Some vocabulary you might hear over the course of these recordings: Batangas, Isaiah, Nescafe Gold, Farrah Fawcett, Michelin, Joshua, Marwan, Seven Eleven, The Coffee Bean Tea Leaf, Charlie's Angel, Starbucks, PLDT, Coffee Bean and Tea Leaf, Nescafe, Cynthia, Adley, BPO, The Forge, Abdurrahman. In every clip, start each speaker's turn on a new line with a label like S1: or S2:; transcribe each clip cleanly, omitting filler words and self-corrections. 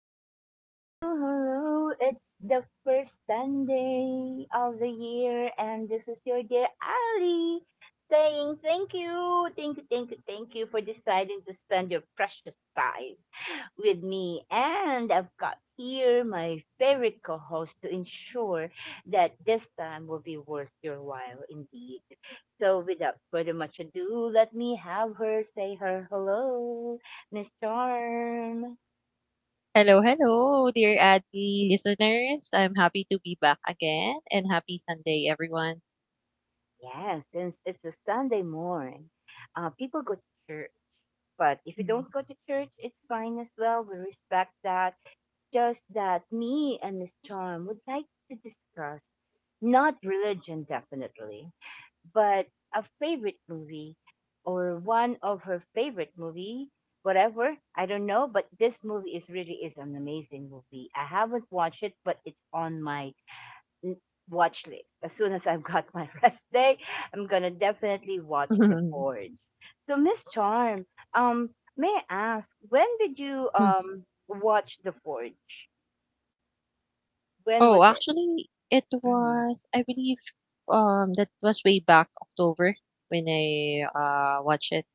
S1: hello, hello, hello. It's the first Sunday of the year, and this is your dear Ali saying thank you, thank you, thank you, thank you for deciding to spend your precious time with me. And I've got here my favorite co host to ensure that this time will be worth your while indeed. So without further much ado, let me have her say her hello, Miss Charm.
S2: Hello, hello, dear Adley listeners. I'm happy to be back again and happy Sunday, everyone.
S1: Yes, since it's a Sunday morning, people go to church. But if you
S2: Mm.
S1: don't go to church, it's fine as well. We respect that. Just that me and Miss Charm would like to discuss not religion, definitely, but a favorite movie or one of her favorite movie whatever, I don't know, but this movie is really is an amazing movie. I haven't watched it, but it's on my n- watch list. As soon as I've got my rest day, I'm gonna definitely watch the Forge. So Miss Charm, um may I ask, when did you watch the Forge? When
S2: Oh,
S1: was it?
S2: actually, it
S1: Mhm.
S2: was, I believe, that was way back October when I watched it.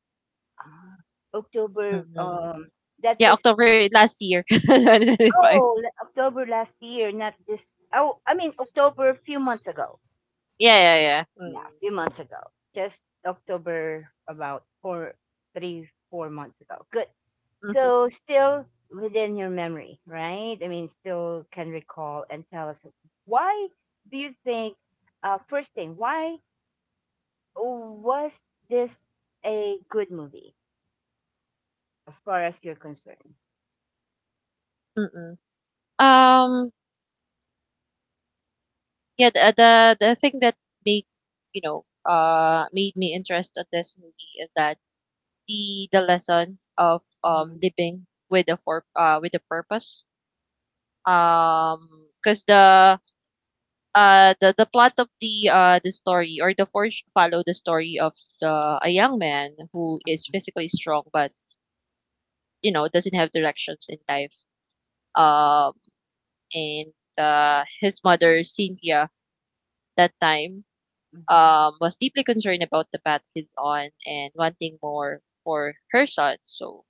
S1: Ah, October.
S2: Mm-mm.
S1: That
S2: Yeah,
S1: was
S2: October last year, 2025.
S1: oh, October last year, not this. Oh, I mean October a few months ago.
S2: Yeah, yeah, yeah.
S1: Yeah,
S2: Mm.
S1: a few months ago. Just October about 4 months ago. Good. So still within your memory, right? I mean, still can recall and tell us why do you think? First thing, why was this a good movie as far as you're concerned?
S2: Mm-mm. Um, yeah, the thing that made you know made me interested in this movie is that the lesson of
S1: Hmm.
S2: living with a for with a purpose. Um, because the plot of the story or the forge follow the story of the a young man who is physically strong but doesn't have directions in life. Um, and his mother Cynthia that time,
S1: Hmm.
S2: was deeply concerned about the path he's on and wanting more for her son. So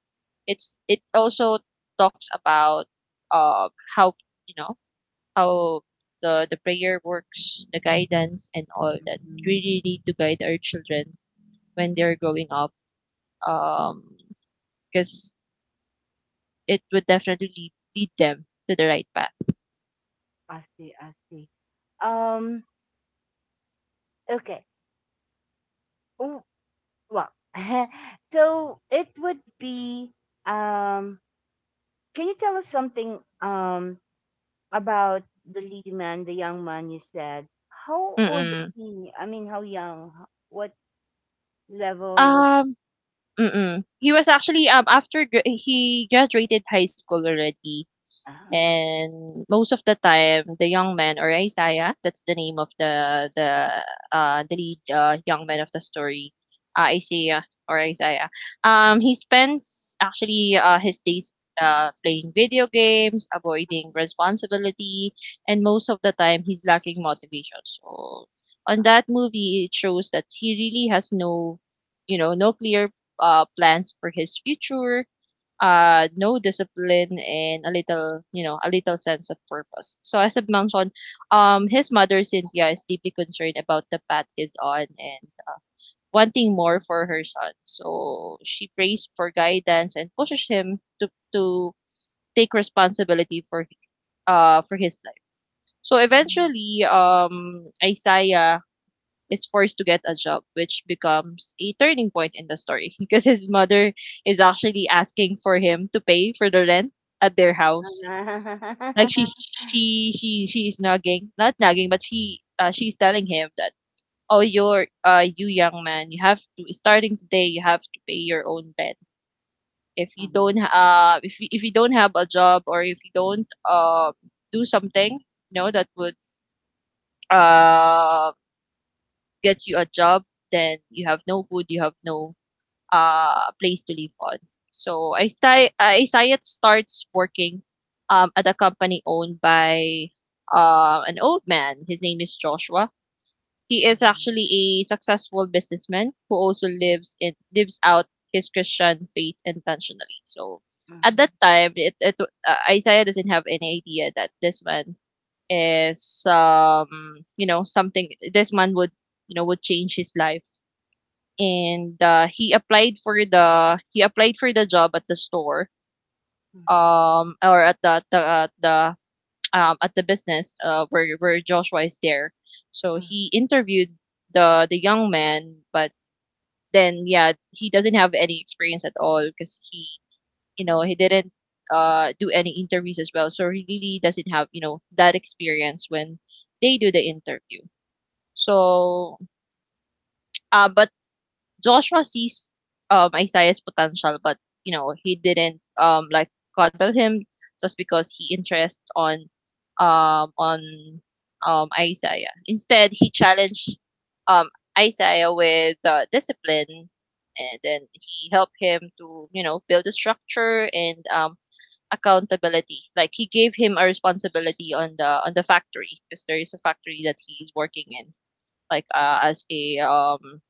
S2: it also talks about, um, how you know how the prayer works, the guidance and all that. We
S1: Hmm.
S2: really need to guide our children when they're growing up, because it would definitely lead them to the right path.
S1: I see. I see. Um, Okay. W- Well, so it would be um can you tell us something about the lead man, the young man you said? How old is
S2: Mm-mm.
S1: he? I mean, how young? What level was
S2: Um, mm-mm. He was actually he graduated high school already.
S1: uh,
S2: And most of the time, the young man, or Isaiah, that's the name of the lead, young man of the story, Isaiah or Isaiah.
S1: um,
S2: He spends actually, his days, playing video games, avoiding responsibility, and most of the time he's lacking motivation. So on
S1: uh,
S2: that movie, it shows that he really has no clear, plans for his future, no discipline, and a little sense of purpose. So as I've mentioned, his mother Cynthia is deeply concerned about the path he's on and wanting more for her son. So she prays for guidance and pushes him to take responsibility for his life. So eventually, Isaiah is forced to get a job, which becomes a turning point in the story because his mother is actually asking for him to pay for the rent at their house. Like she's she she's nagging, not nagging, but she's telling him that, "Oh, you, young man, you have to starting today you have to pay your own rent. If you don't have a job, or if you don't do something, you know, that would uh gets you a job, then you have no food, you have no, place to live on." So Isayat starts working, at a company owned by, an old man. His name is Joshua. He is actually a successful businessman who also lives out his Christian faith intentionally. So at that time, it Isaiah doesn't have any idea that this man is, something this man would, would change his life. And, he applied for the job at the store,
S1: mhm, mhm,
S2: or at the business where Joshua is there. So he interviewed the young man, but then, yeah, he doesn't have any experience at all because he you know he didn't do any interviews as well. So he really doesn't have that experience when they do the interview. So, but Joshua sees, Isaiah's potential, but he didn't, like coddle him just because he interest on Isaiah. Instead, he challenged, um, Isaiah with, discipline, and then he helped him to build a structure and, accountability. Like he gave him a responsibility on the factory, because there is a factory that he's working in, like, as a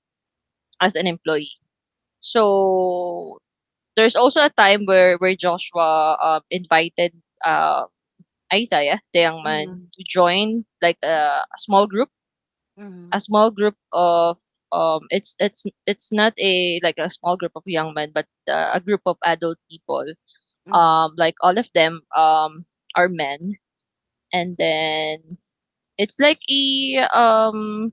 S2: as an employee. So there's also a time where, Joshua, invited, uh, Isaiah, the young man,
S1: mhm,
S2: to join like a
S1: mhm,
S2: small group of it's not a like a small group of young men, but, a group of adult people.
S1: mhm, mhm, mhm, mhm,
S2: Like all of them, are men, and then it's like a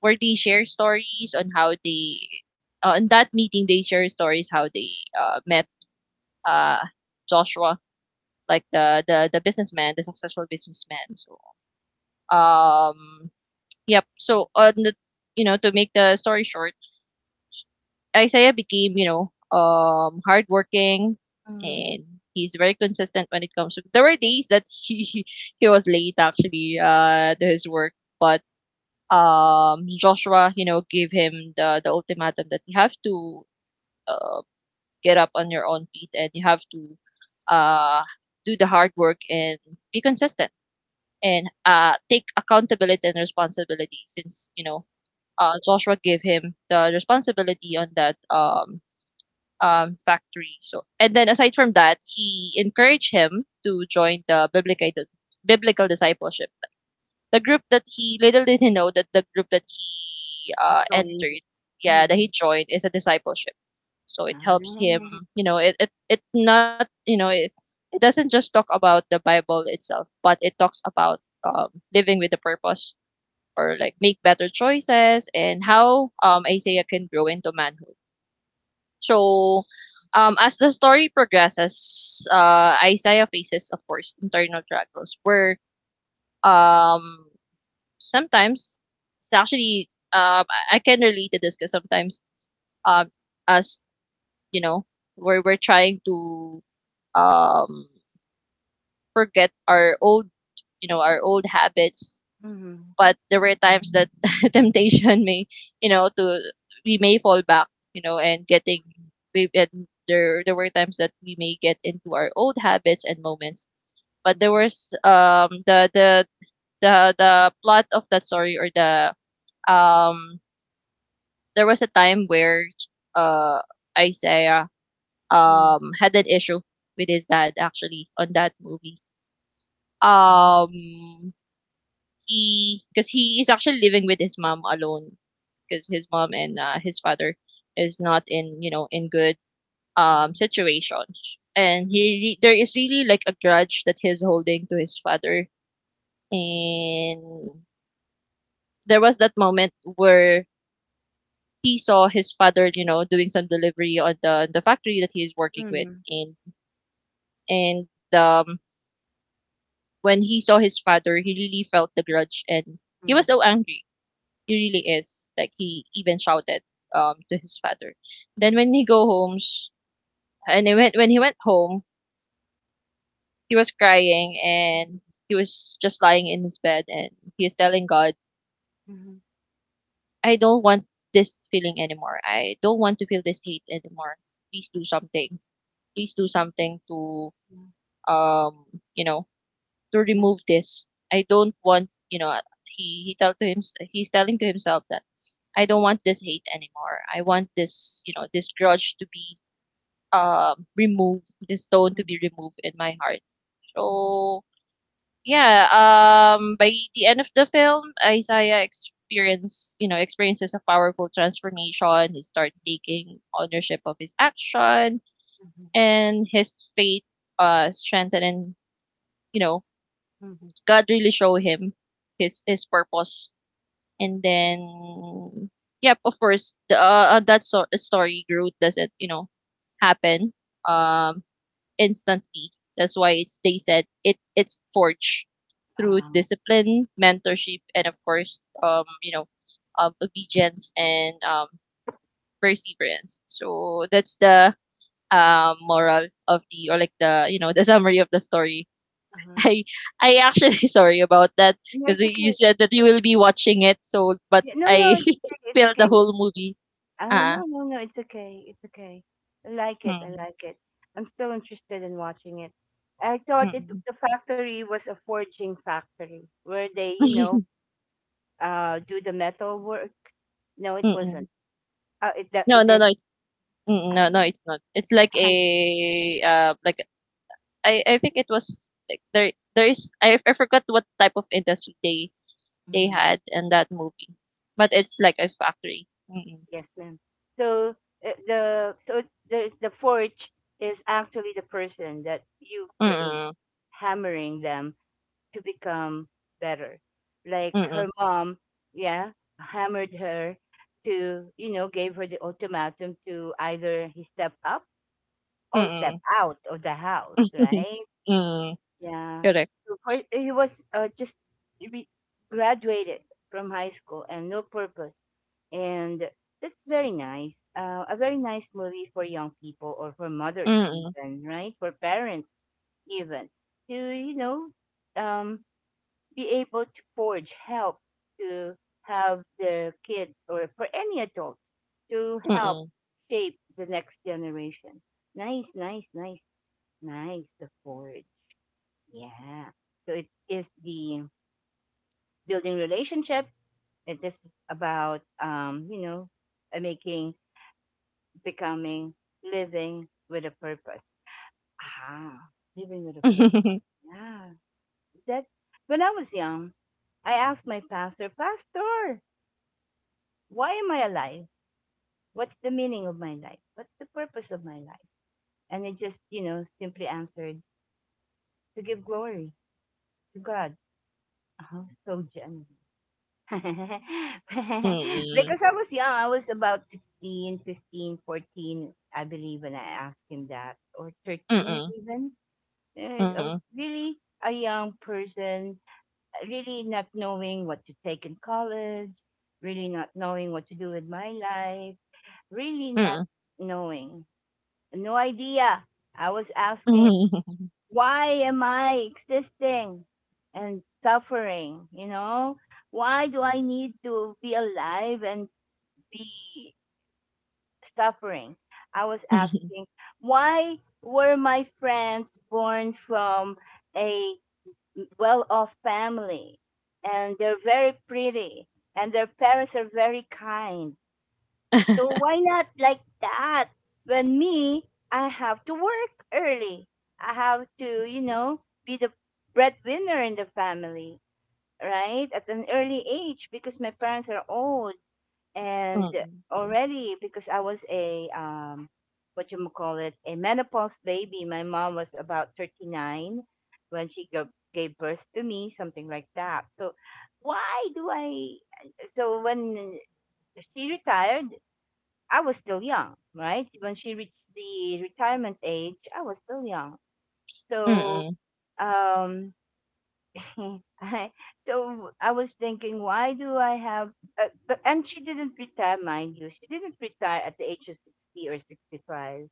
S2: where they share stories on how they in that meeting they share stories how they, met, uh, Joshua, like the businessman, the successful businessman. So, um, yep. So on the you know to make the story short, Isaiah became hardworking,
S1: mhm.
S2: and he's very consistent when it comes to. There were days that he he was late actually, to his work, but Joshua, gave him the ultimatum that you have to. Um, get up on your own feet and you have to, uh, do the hard work and be consistent and, take accountability and responsibility since Joshua gave him the responsibility on that, factory. So and then aside from that he encouraged him to join the biblical discipleship, the group that, he, little did he know that the group that he,
S1: Joined.
S2: entered, yeah, that
S1: Mhm.
S2: he joined is a discipleship. So it
S1: Ah,
S2: helps him,
S1: mhm,
S2: you know, it not it doesn't just talk about the bible itself, but it talks about, living with a purpose, or like make better choices, and how, Isaiah can grow into manhood. So, as the story progresses, Isaiah faces, of course, internal struggles, where, um, sometimes, it's actually, I can relate to this, because sometimes, um, as, you know we're trying to, um, forget our old habits.
S1: mhm,
S2: But there were times that temptation may, you know, to we may fall back, and there were times that we may get into our old habits and moments. But there
S1: mhm.
S2: was, the plot of that story, or um there was a time where, uh Isaiah,
S1: Mm.
S2: had an issue with his dad actually on that movie,
S1: Um,
S2: um he because he is actually living with his mom alone, because his mom and, his father is not in, in good,
S1: mhm,
S2: situation. And
S1: mhm.
S2: he there is really like a grudge that he's holding to his father. And there was that moment where he saw his father, doing some delivery on the factory that he is working with.
S1: Mhm,
S2: And, and when he saw his father, he really felt the grudge, and he was
S1: mhm,
S2: so angry. He really is. Like, he even shouted, to his father. Then, when he go home sh- and when he went home, he was crying,
S1: mhm,
S2: and he was just lying in his bed, and he is telling God,
S1: mhm,
S2: "I don't want this feeling anymore. I don't want to feel this hate anymore. Please do something. Please do something to,
S1: mhm,
S2: um you know to
S1: mhm,
S2: remove this. I don't want, he he tell to him he's telling to himself that I don't want this hate anymore. I want this grudge to be, removed, this stone to
S1: mhm,
S2: be removed in my heart."
S1: mhm,
S2: So, yeah, by the end of the film, Isaiah experiences a powerful transformation. He starts taking ownership of his action,
S1: mhm,
S2: and his faith, strengthened, and, you know
S1: mhm.
S2: God really show him his purpose. And then, yep, of course, the story growth doesn't happen, um instantly. That's why, it's they said it it's forged through
S1: Uh,
S2: discipline, mentorship, and of course, obedience, and, perseverance. So that's the, moral of the, or like the, the summary of the story.
S1: uh-huh.
S2: I I actually sorry about that,
S1: No,
S2: because
S1: it's
S2: you
S1: okay.
S2: said that you will be watching it. So, but
S1: Yeah, no, no,
S2: I
S1: it's okay. It's
S2: spilled
S1: okay.
S2: the whole movie.
S1: Oh,
S2: Ah,
S1: no, no, no, it's okay. It's okay. I like it. I
S2: mm,
S1: like it. I'm still interested in watching it. I
S2: mm,
S1: thought it
S2: mm.
S1: the factory was a forging factory where they, you know, do the metal work. No, it wasn't.
S2: Mm-mm.
S1: It that
S2: No,
S1: it
S2: no,
S1: is.
S2: no. It's,
S1: Uh,
S2: no, no. It's not. It's like a, like I think it was like, there is I forgot what type of industry they
S1: uh-huh.
S2: had in that movie, but it's like a factory. Mm,
S1: Yes, ma'am. So uh, the so the forge is actually the person that you create,
S2: mm,
S1: hammering them to become better. Like
S2: mm,
S1: her mom, yeah, hammered her to, you know, gave her the ultimatum to either he step up or step
S2: mm,
S1: out of the house,
S2: mm.
S1: right?
S2: Mm.
S1: Yeah.
S2: Correct.
S1: So for, he was just re- graduated from high school and no purpose. And that's very nice. A very nice movie for young people or for mothers,
S2: Mm,
S1: even, right? For parents, even. To, you know, um, be able to forge help to have their kids or for any adult to help
S2: mm.
S1: shape the next generation. Nice, nice, nice, nice, the Forge. Yeah. So it is the building relationship. It is about, you know, making, becoming, living with a purpose. Ah, living with a purpose. Yeah. That when I was young, I asked my pastor, "Pastor, why am I alive? What's the meaning of my life? What's the purpose of my life?" And he just, you know, simply answered to give glory to God. Uh-huh. So generous.
S2: Mm,
S1: Because I was young. I was about 16, 15, 14, I believe, when I asked him that, or 13
S2: mm,
S1: even.
S2: mm,
S1: Eh, I
S2: mm.
S1: was really a young person, really not knowing what to take in college, really not knowing what to do with my life, really not knowing, no idea. I was asking,
S2: Mm,
S1: why am I existing and suffering? You know, why do I need to be alive and be suffering? I was asking, why were my friends born from a well off family and they're very pretty and their parents are very kind? So why not like that? When me, I have to work early. I have to, you know, be the breadwinner in the family, right? At an early age because my parents are old and already because I was a what you might call it, a menopause baby. My mom was about 39 when she gave birth to me, something like that. So why do I, so when she retired I was still young, right? When she reached the retirement age, I was still young. So,
S2: mm.
S1: um, I, so I was thinking, why do I have? But and she didn't retire, mind you. She didn't retire at the age of 60 or 65.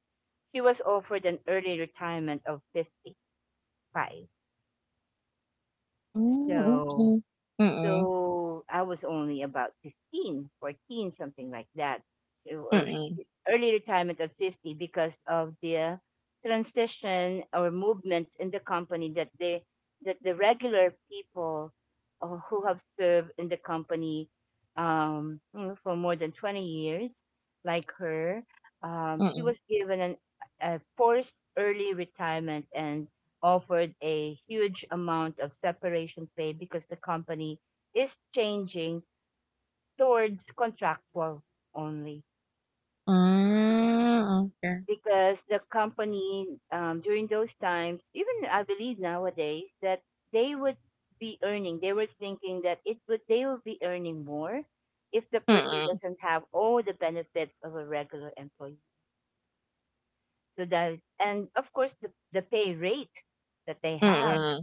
S1: She was offered an early retirement of 55.
S2: Hmm,
S1: So,
S2: okey. Mm,
S1: so I was only about 15, 14, something like that, or
S2: mm,
S1: early retirement at 50 because of the transition or movements in the company that they that the regular people who have served in the company, you know, for more than 20 years, like her, she
S2: mm.
S1: was given an, a forced early retirement and offered a huge amount of separation pay because the company is changing towards contractual only.
S2: Ah, okey.
S1: Because the company, during those times, even I believe nowadays that they would be earning. They were thinking that it would they will be earning more if the person
S2: Mm,
S1: doesn't have all the benefits of a regular employee. So that, and of course the pay rate that they have,
S2: mm,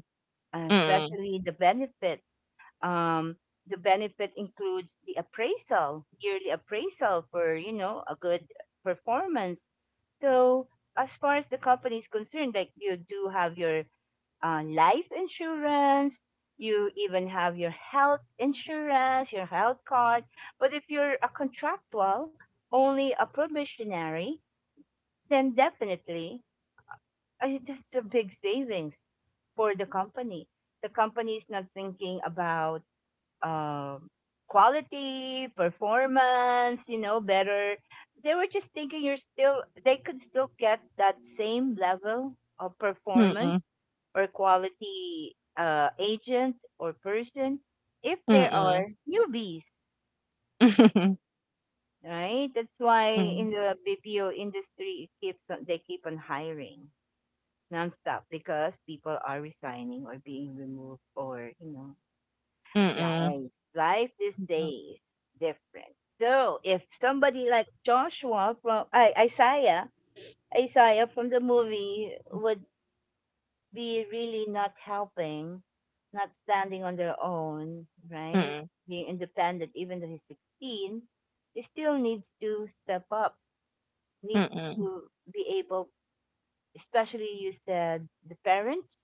S2: mm,
S1: especially the benefits. Um, the benefit includes the appraisal, yearly appraisal for, you know, a good performance. So as far as the company is concerned, like you do have your life insurance, you even have your health insurance, your health card. But if you're a contractual, only a probationary, then definitely I, that's a big savings for the company. The company is not thinking about um, quality, performance, you know, better. They were just thinking you're still, they could still get that same level of
S2: mm, mm.
S1: performance or quality agent or person if there are newbies, right? That's why in
S2: Mm,
S1: the BPO industry, it keeps on, they keep on hiring nonstop because people are resigning or being removed, or you know,
S2: mm,
S1: life life these
S2: mm,
S1: days different. So if somebody like Joshua from I isaiah Isaiah from the movie would be really not helping, not standing on their own right,
S2: mm,
S1: being independent even though he's 16, he still needs to step up, needs
S2: mm,
S1: to be able. Especially you said the parents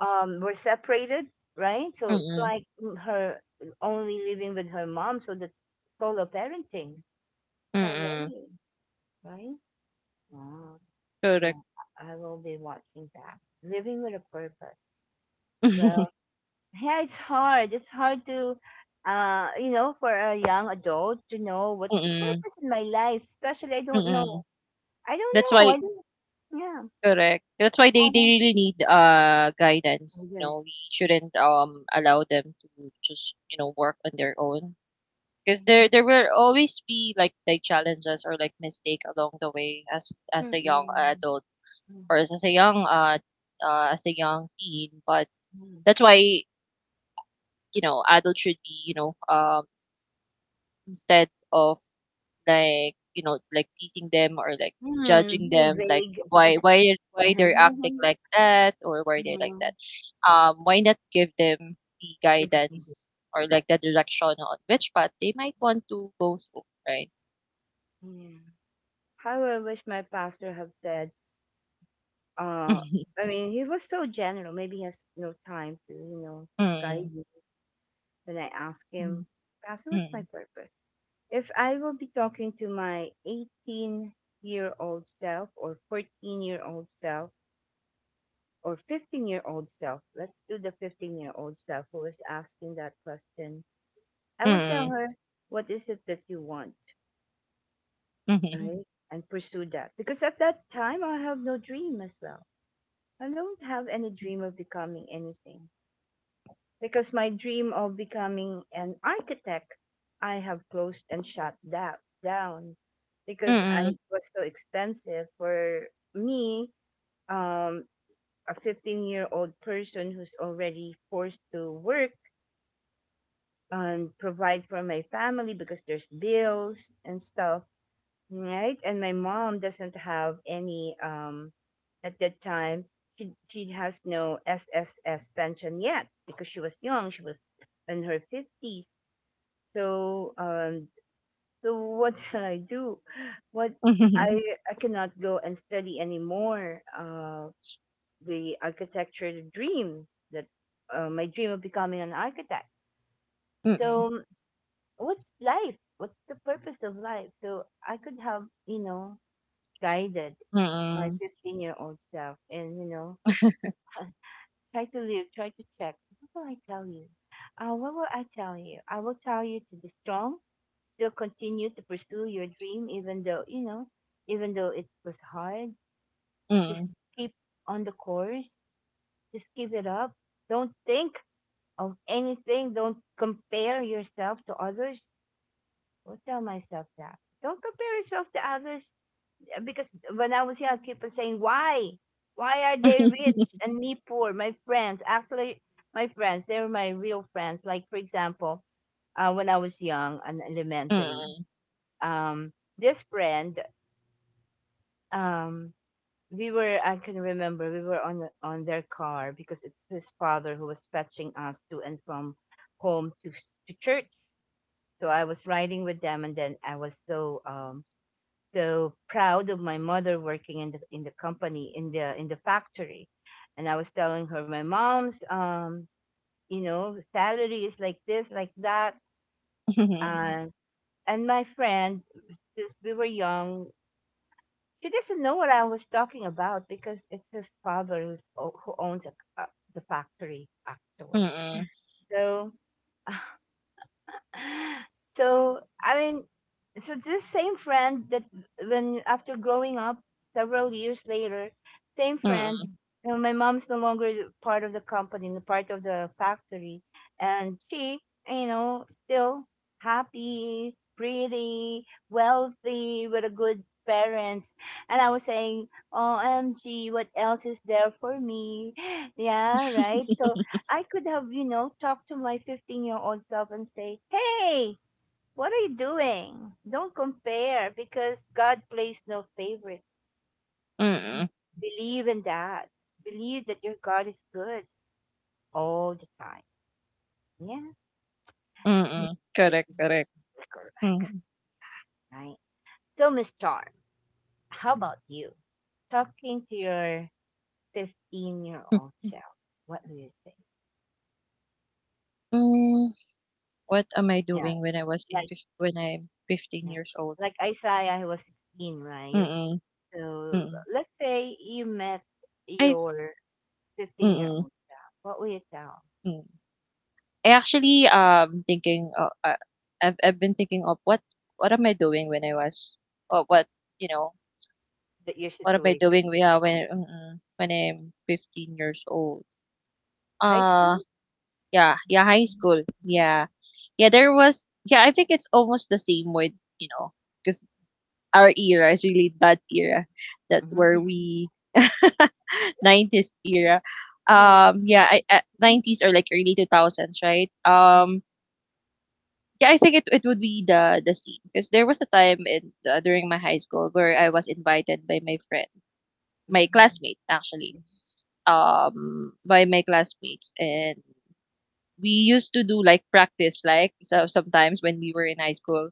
S1: were separated, right? So it's
S2: mm,
S1: like, mm, only living with her mom, so that's solo parenting
S2: mm.
S1: already, right? Wow.
S2: Correct.
S1: Yeah, I will be watching that. Living with a purpose. Well, yeah, it's hard. It's hard to, you know, for a young adult to know what's the
S2: Mm,
S1: purpose in my life, especially I don't
S2: mm.
S1: know. I don't
S2: That's
S1: know. I
S2: why
S1: don't, yeah.
S2: Correct. That's why they,
S1: I
S2: they
S1: don't know.
S2: really need guidance. You know,
S1: Yes.
S2: we shouldn't allow them to just work on their own,
S1: Yeah.
S2: because there will always be like, challenges or like mistake along the way, as, a young
S1: Mm-mm.
S2: adult, or as a young, as a young teen. But
S1: Mm-mm.
S2: that's why adults should be instead of like teasing them or like
S1: Hmm,
S2: judging
S1: being
S2: them, like
S1: vague.
S2: why they're acting like that or why they're like that.
S1: Mhm.
S2: Why not give them the
S1: That's
S2: guidance or like the direction on which path they might want to go through, right?
S1: yeah. How I wish my pastor have said, uh, I mean, he was so general. Maybe he has no time to, you know, guide
S2: Mm,
S1: me. When I ask him,
S2: mm,
S1: "Pastor, what's my
S2: mm,
S1: purpose?" If I will be talking to my 18-year-old self or 14-year-old self or 15-year-old self, let's do the 15-year-old self who is asking that question. I would tell
S2: mm,
S1: her, what is it that you want?
S2: mhm,
S1: Mm, right? And pursue that. Because at that time, I have no dream as well. I don't have any dream of becoming anything. Because my dream of becoming an architect, I have closed and shut that down because I
S2: mm,
S1: it was so expensive for me, um, a 15-year-old person who's already forced to work and provide for my family because there's bills and stuff, right? And my mom doesn't have any at that time. She has no SSS pension yet because she was young. She was in her fifties. So so what can I do? What
S2: mhm,
S1: I mhm. I cannot go and study anymore. The architecture dream that my dream of becoming an architect.
S2: mm,
S1: So what's life? What's the purpose of life? So I could have, you know, guided my
S2: mm,
S1: 15-year-old self and you know try to live, try to check what will I tell you, I will tell you to be strong, still continue to pursue your dream even though you know, even though it was hard, just
S2: mm,
S1: keep on the course, just give it up, don't think of anything, don't compare yourself to others. Will tell myself that don't compare yourself to others. Because when I was young, I keep on saying, why? Why are they rich and me poor? My friends, actually, they were my real friends. Like, for example, when I was young and elementary,
S2: mm,
S1: um, this friend, um, I can remember, we were on their car because it's his father who was fetching us to and from home to church. So I was riding with them, and then I was so proud of my mother working in the company in the factory, and I was telling her my mom's salary is like this, like that.
S2: mhm, mm, mm.
S1: And and my friend, since we were young, she doesn't know what I was talking about because it's his father who owns a, the factory, actually. So so I mean, so this same friend that when after growing up several years later, same friend. You know, my mom's no longer part of the company, the part of the factory, and she, still happy, pretty, wealthy, with a good parents. And I was saying, "Oh, OMG, what else is there for me?" Yeah, right. So I could have, talked to my 15-year-old self and say, "Hey, what are you doing? Don't compare because God plays no favorites." Mm.
S2: Mm-mm.
S1: Believe in that. Believe that your God is good all the time. Yeah. Mm.
S2: Mm-mm.
S1: This
S2: Correct,
S1: is
S2: correct.
S1: correct, right? So, Miss Charm, how about you? Talking to your 15-year-old self, what do you think?
S2: Mm-mm. What am I
S1: Yeah,
S2: doing when I was in
S1: like,
S2: fif when I'm 15
S1: yeah.
S2: years old?
S1: Like Isaiah, he was 16, right?
S2: Mm,
S1: So
S2: mm.
S1: let's say you met
S2: Ay,
S1: your 15 year
S2: mm,
S1: old self. What will you tell
S2: mm. I actually, um, thinking, uh, uh, I've been thinking of what am I doing when I was or what, you know,
S1: that your
S2: what am I
S1: situation?
S2: doing we are when mm, when I'm 15 years old?
S1: High
S2: Uh,
S1: school?
S2: yeah, yeah, high school. Yeah. I think it's almost the same with, you know, because our era is really that era that
S1: Hmm.
S2: where we 90s era.
S1: Yeah.
S2: Yeah, 90s or like early 2000s, right? Yeah, I think it would be the scene because there was a time in during my high school where I was invited by my friend, my
S1: Mm-hmm.
S2: classmate actually,
S1: Mm-hmm.
S2: by my classmates, and we used to do like practice like so sometimes when we were in high school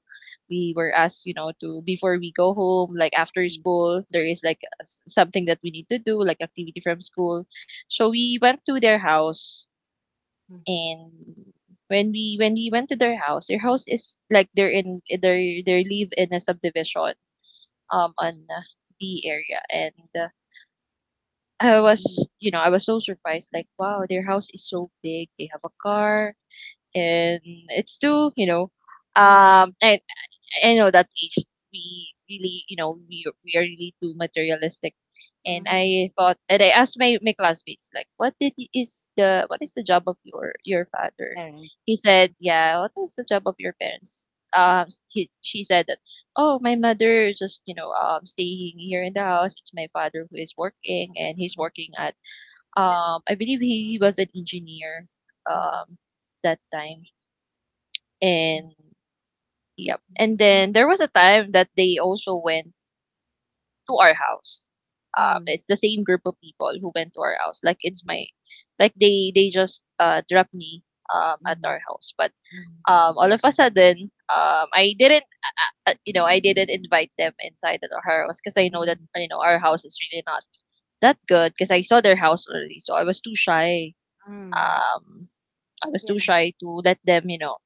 S2: we were asked you know to before we go home like after school there is like something that we need to do like activity from school, so we went to their house. And when we went to their house, their house is like they live in a subdivision on the area. And I was, you know, I was so surprised like, wow, their house is so big, they have a car, and it's too, you know.
S1: Mm-hmm.
S2: And I know that age we really, you know, we are really too materialistic. And
S1: Mm-hmm.
S2: I thought and I asked my classmates like what is the job of your father.
S1: Parents.
S2: He said yeah what is the job of your parents? She said that, oh, my mother just, you know, staying here in the house, it's my father who is working and he's working at, I believe he was an engineer
S1: Mm-hmm.
S2: um that time. And yep. And
S1: Mm-hmm.
S2: then there was a time that they also went to our house. Um,
S1: Mm-hmm.
S2: it's the same group of people who went to our house. Like they just dropped me at
S1: Mm-hmm.
S2: our house. But
S1: Mm-hmm.
S2: all of a sudden, I didn't you know, I didn't invite them inside at our house because I know that, you know, our house is really not that good because I saw their house already. So I was too shy.
S1: Mm-hmm.
S2: Um I was
S1: Yeah.
S2: too shy to let them, you know,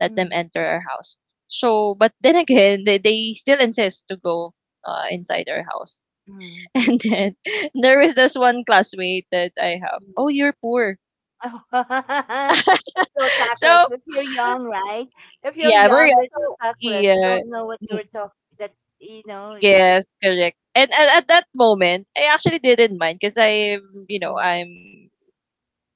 S2: let them enter our house. So, but then again, they still insist to go inside our house.
S1: Mm-hmm.
S2: And then there was this one classmate that I have. Oh, you're poor.
S1: So
S2: So
S1: tactless. If you're young, right? If you're
S2: yeah, very
S1: young, you're so
S2: also
S1: tactless. You
S2: yeah,
S1: don't know what
S2: mm,
S1: you're talking. That you know.
S2: yes, correct. And at that moment, I actually didn't mind because you know,
S1: Mm,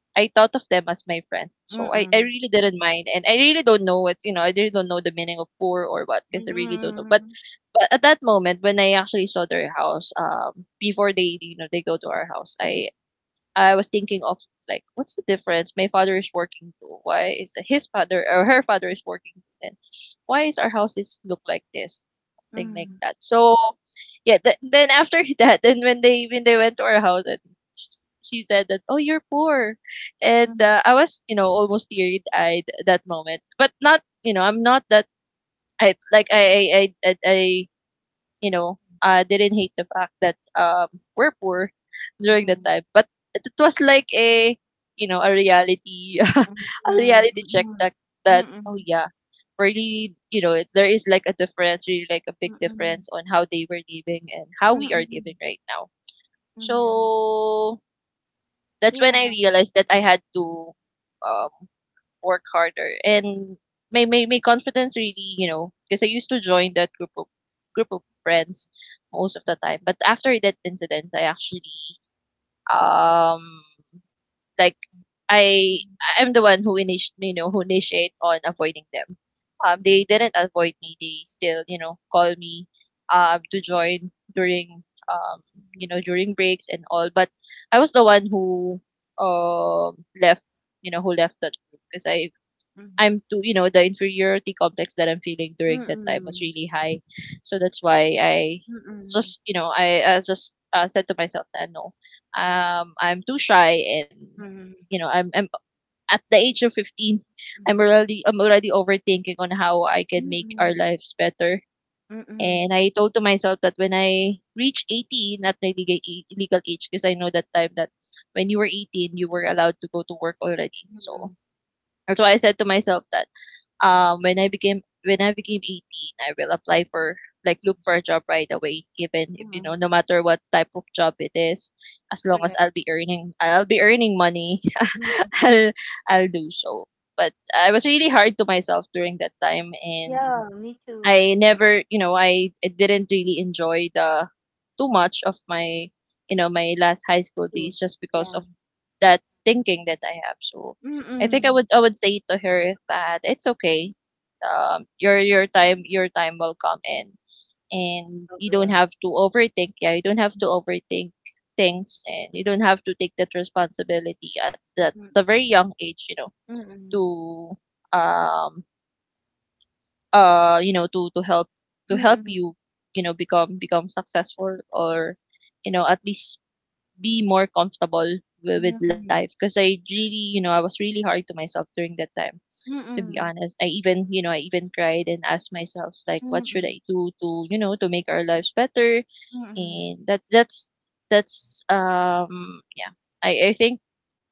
S2: I thought of them as my friends, so I
S1: mm-mm,
S2: really didn't mind. And I really don't know what, you know, I really don't know the meaning of poor or what because I really don't know. But
S1: mm-mm,
S2: At that moment, when I actually saw their house, before they, you know, they go to our house, I was thinking of, like, what's the difference? My father is working too. Why is his father or her father is working too? Then why is our houses look like this? Something like
S1: mm-mm,
S2: that. So yeah, then after that, and when they went to our house, and she said that, oh, you're poor. And I was, you know, almost teary eyed that moment. But not, you know, I'm not that, I like I you know, didn't hate the fact that we're poor during that
S1: mm-mm,
S2: time. But it was like a, you know, a reality, a
S1: mm-mm,
S2: reality check
S1: mm-mm,
S2: that oh
S1: mm-mm,
S2: yeah, really, you know, there is like a difference, really like a big
S1: mm-mm, mm-mm,
S2: difference on how they were living and how we are living
S1: mm-mm,
S2: right now.
S1: mm-mm.
S2: So that's when
S1: Yeah.
S2: I realized that I had to. Um, work harder and my confidence, really, you know, because I used to join that group of friends most of the time. But after that incident, I actually, um like i
S1: Mm-mm,
S2: I'm the one who you know, who initiate on avoiding them. They didn't avoid me, they still, you know, call me, to join during, um you know, during breaks and all. But I was the one who left, you know, who left that group because I'm too, you know, the inferiority complex that I'm feeling during that time was
S1: mm-mm,
S2: really high. So that's why I
S1: mm-mm,
S2: just, you know, I just said to myself that no, I'm too shy. And,
S1: mm-mm,
S2: you know, I'm at the age of 15,
S1: mm-mm,
S2: I'm already overthinking on how I can make our
S1: mm-mm,
S2: lives better. And
S1: mm-mm,
S2: I told to myself that when I reach 18, at my legal legal age, because I know that time that when you were 18, you were allowed to go to work already. So that's why I said to myself that, when I became 18, I will apply for, like, look for a job right away, even if, you know, no
S1: mm-mm.
S2: matter what type of job it is, as long as
S1: Correct.
S2: I'll be earning money,
S1: Mm-mm.
S2: I'll I'll do so. But I was really hard to myself during that time. And
S1: Yeah, me too.
S2: I never, you know, I didn't really enjoy the too much of you know, my last high school days
S1: Yes,
S2: just because
S1: yeah.
S2: of that thinking that I have. So I think
S1: Mm.
S2: I would say to her that it's okay. Your time will come in, and you don't
S1: Sobra.
S2: have to overthink. Yeah, you don't have to overthink things, and you don't have to take that responsibility at that the
S1: Mm,
S2: very young age. You know,
S1: mm,
S2: to you know, to help, to help
S1: mm,
S2: you, you know, become successful, or you know, at least be more comfortable with life,
S1: mm,
S2: because I really, you know, I was really hard to myself during that time. To be
S1: mm,
S2: honest, I even, you know, I even cried and asked myself, like, what should
S1: mm,
S2: I do to, you know, to make our lives better.
S1: mm.
S2: And that's yeah, i think,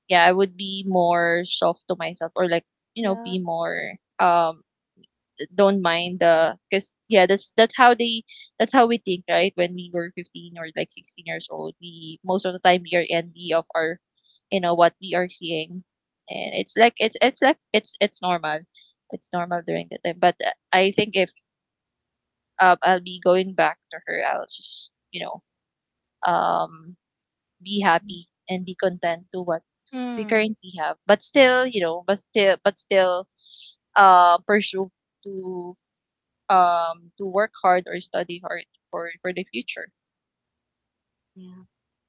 S2: yeah, I would be more soft to myself, or like, you know, be
S1: Yeah.
S2: more, um don't mind the, because yeah, that's how we think, right? When we were 15 or like 16 years old, we most of the time, we are envy of our, you know, what we are seeing. And it's like, it's normal, it's normal during that time. But I think if, I'll be going back to her, I'll just, you know, um be
S1: Mm.
S2: happy and be content to what we
S1: Mm.
S2: currently have. But still, you know, but still, pursue to, to work hard or study hard for the future.
S1: Yeah.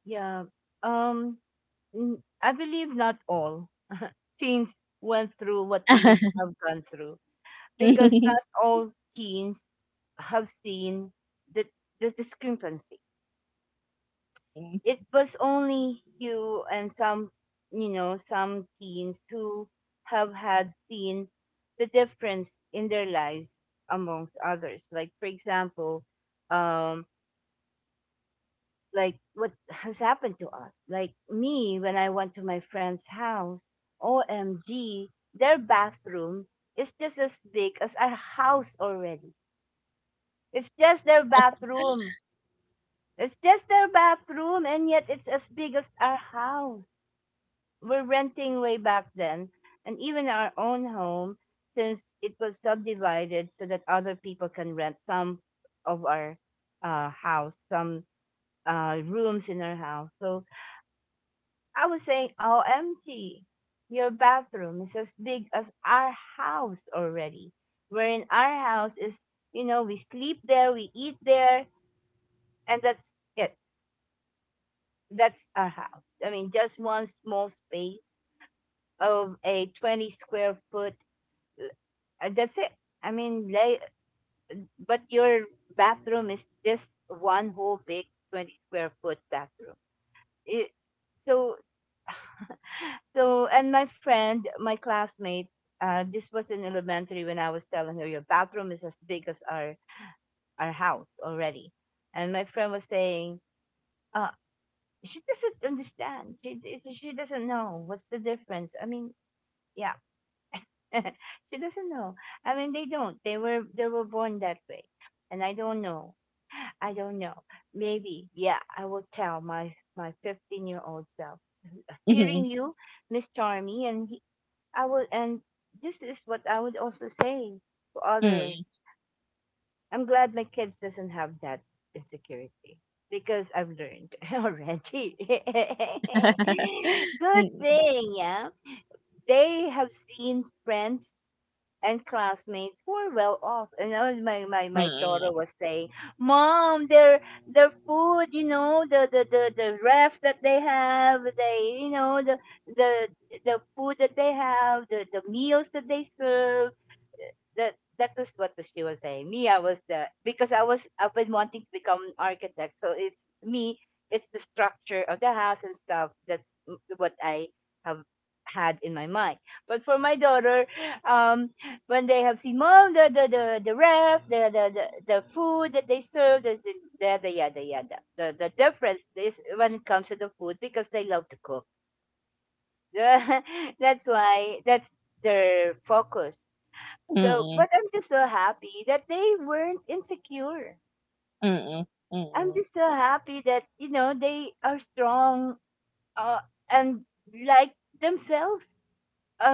S1: Yeah. Um, I believe not all teens went through what we have gone through because not all teens have seen the the discrepancy.
S2: Mm,
S1: It was only you and some teens who have had seen the difference in their lives amongst others. Like, for example, um, like what has happened to us. Like me, when I went to my friend's house, OMG, their bathroom is just as big as our house already. It's just their bathroom. It's just their bathroom, and yet it's as big as our house. We're renting way back then, and even our own home, since it was subdivided so that other people can rent some of our house, some rooms in our house. So I was saying, OMG, your bathroom is as big as our house already. Wherein our house is, we sleep there, we eat there, and that's it. That's our house. I mean, just one small space of a 20 square foot. That's it. I mean, like, but your bathroom is just one whole big 20 square foot bathroom. It, so, so, and my friend, my classmate, this was in elementary when I was telling her your bathroom is as big as our house already, and my friend was saying, uh, she doesn't understand. She doesn't know what's the difference. I mean, yeah, she doesn't know. I mean, they don't. They were born that way, and I don't know. I don't know. Maybe, yeah, I will tell my 15-year-old self. Hearing
S2: mm,
S1: you, Miss Charmy, and he, I will, and this is what I would also say to
S2: mm,
S1: others.
S2: mm,
S1: I'm glad my kids doesn't have that insecurity because I've learned already. Good
S2: mm,
S1: thing. Yeah, they have seen friends and classmates who are well off. And that was my, daughter
S2: mm,
S1: was saying, "Mom, their food, the, ref that they have, the the food that they have, the, meals that they serve." That is what she was saying. Me, I was the because I've been wanting to become an architect. So it's me, it's the structure of the house and stuff. That's what I have had in my mind. But for my daughter, um, when they have seen, "Mom, the the ref, the the food that they serve, there's the yada yada." The difference is when it comes to the food because they love to cook. That's why that's their focus, so,
S2: mm,
S1: but I'm just so happy that they weren't insecure.
S2: mm, mm,
S1: I'm
S2: mm,
S1: just so happy that they are strong, uh, and like themselves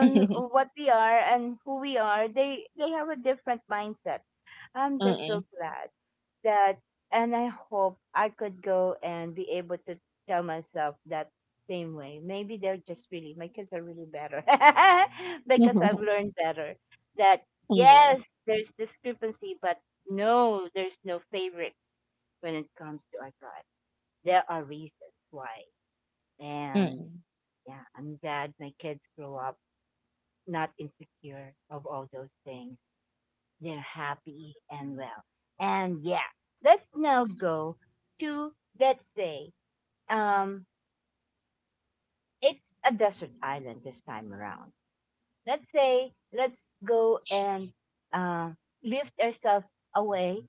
S2: mm,
S1: what we are and who we are. They have a different mindset. I'm just so
S2: mm,
S1: glad that, and I hope I could go and be able to tell myself that same way. Maybe they're just really my kids are really better because I've
S2: mm,
S1: learned better that yes, there's discrepancy, but no, there's no favorites when it comes to our God. There are reasons why. And
S2: mm.
S1: yeah, I'm glad my kids grow up not insecure of all those things. They're happy and well. And yeah, let's now go to, let's say, um, it's a desert island this time around. Let's say, let's go and uh, lift ourselves away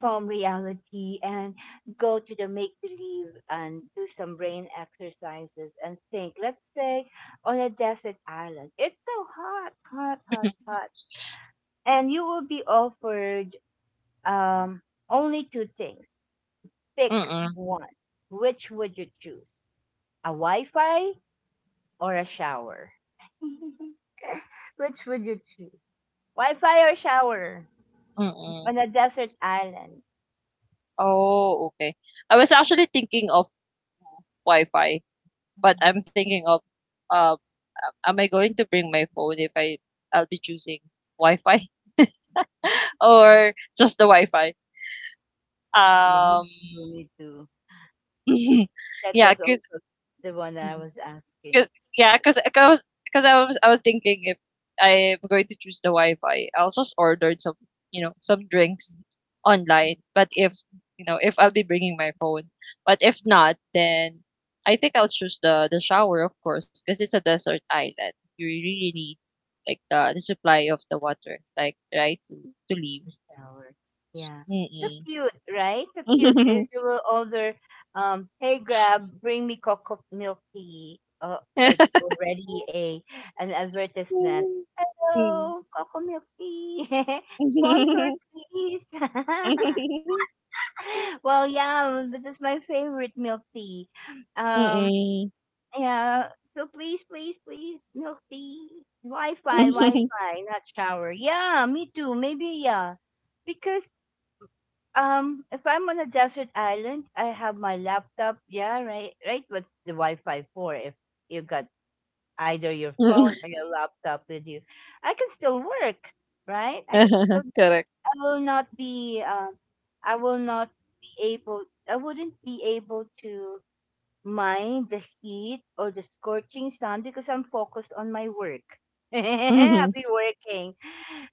S1: from reality and go to the make believe and do some brain exercises and think. Let's say on a desert island, it's so hot, hot, hot, hot, and you will be offered um, only two things. Pick
S2: Mm-mm,
S1: one. Which would you choose? A Wi Fi or a shower? Which would you choose? Wi Fi or shower
S2: mm-mm.
S1: on a desert island?
S2: Oh, okay. I was actually thinking of Wi-Fi, but I'm thinking of, um, am I going to bring my phone if I'll be choosing Wi-Fi or just the Wi-Fi?
S1: Mm,
S2: Um,
S1: you need to, me too.
S2: Yeah,
S1: That
S2: yeah,
S1: was
S2: cause,
S1: also the one I
S2: mm-hmm,
S1: was asking.
S2: cause, yeah, cause, cause, cause I was thinking if I'm going to choose the Wi-Fi, I'll just order some, you know, some drinks online. But if, you know, if I'll be bringing my phone, but if not, then I think I'll choose the shower, of course, cause it's a desert island. You really need like the supply of the water, like right to live.
S1: The shower. Yeah. So
S2: Mm-mm.
S1: cute, right? So cute. If you will order, "Hey, grab, bring me cocoa milk tea." Oh, it's already a an advertisement.
S2: Mm.
S1: Hello, Coco Milk Tea. Sponsor, please. Well, yeah, but is my favorite milk tea. Um,
S2: Mm.
S1: yeah. So please, please, please, milk tea. Wi-Fi,
S2: Mm.
S1: Wi-Fi, not shower. Yeah, me too. Maybe yeah, because if I'm on a desert island, I have my laptop. Yeah, right, right. What's the Wi-Fi for? If you got either your phone or your laptop with you, I can still work, right? I can still
S2: Correct.
S1: I will not be I will not be able I wouldn't be able to mind the heat or the scorching sun because I'm focused on my work. I'll
S2: Mhm.
S1: be working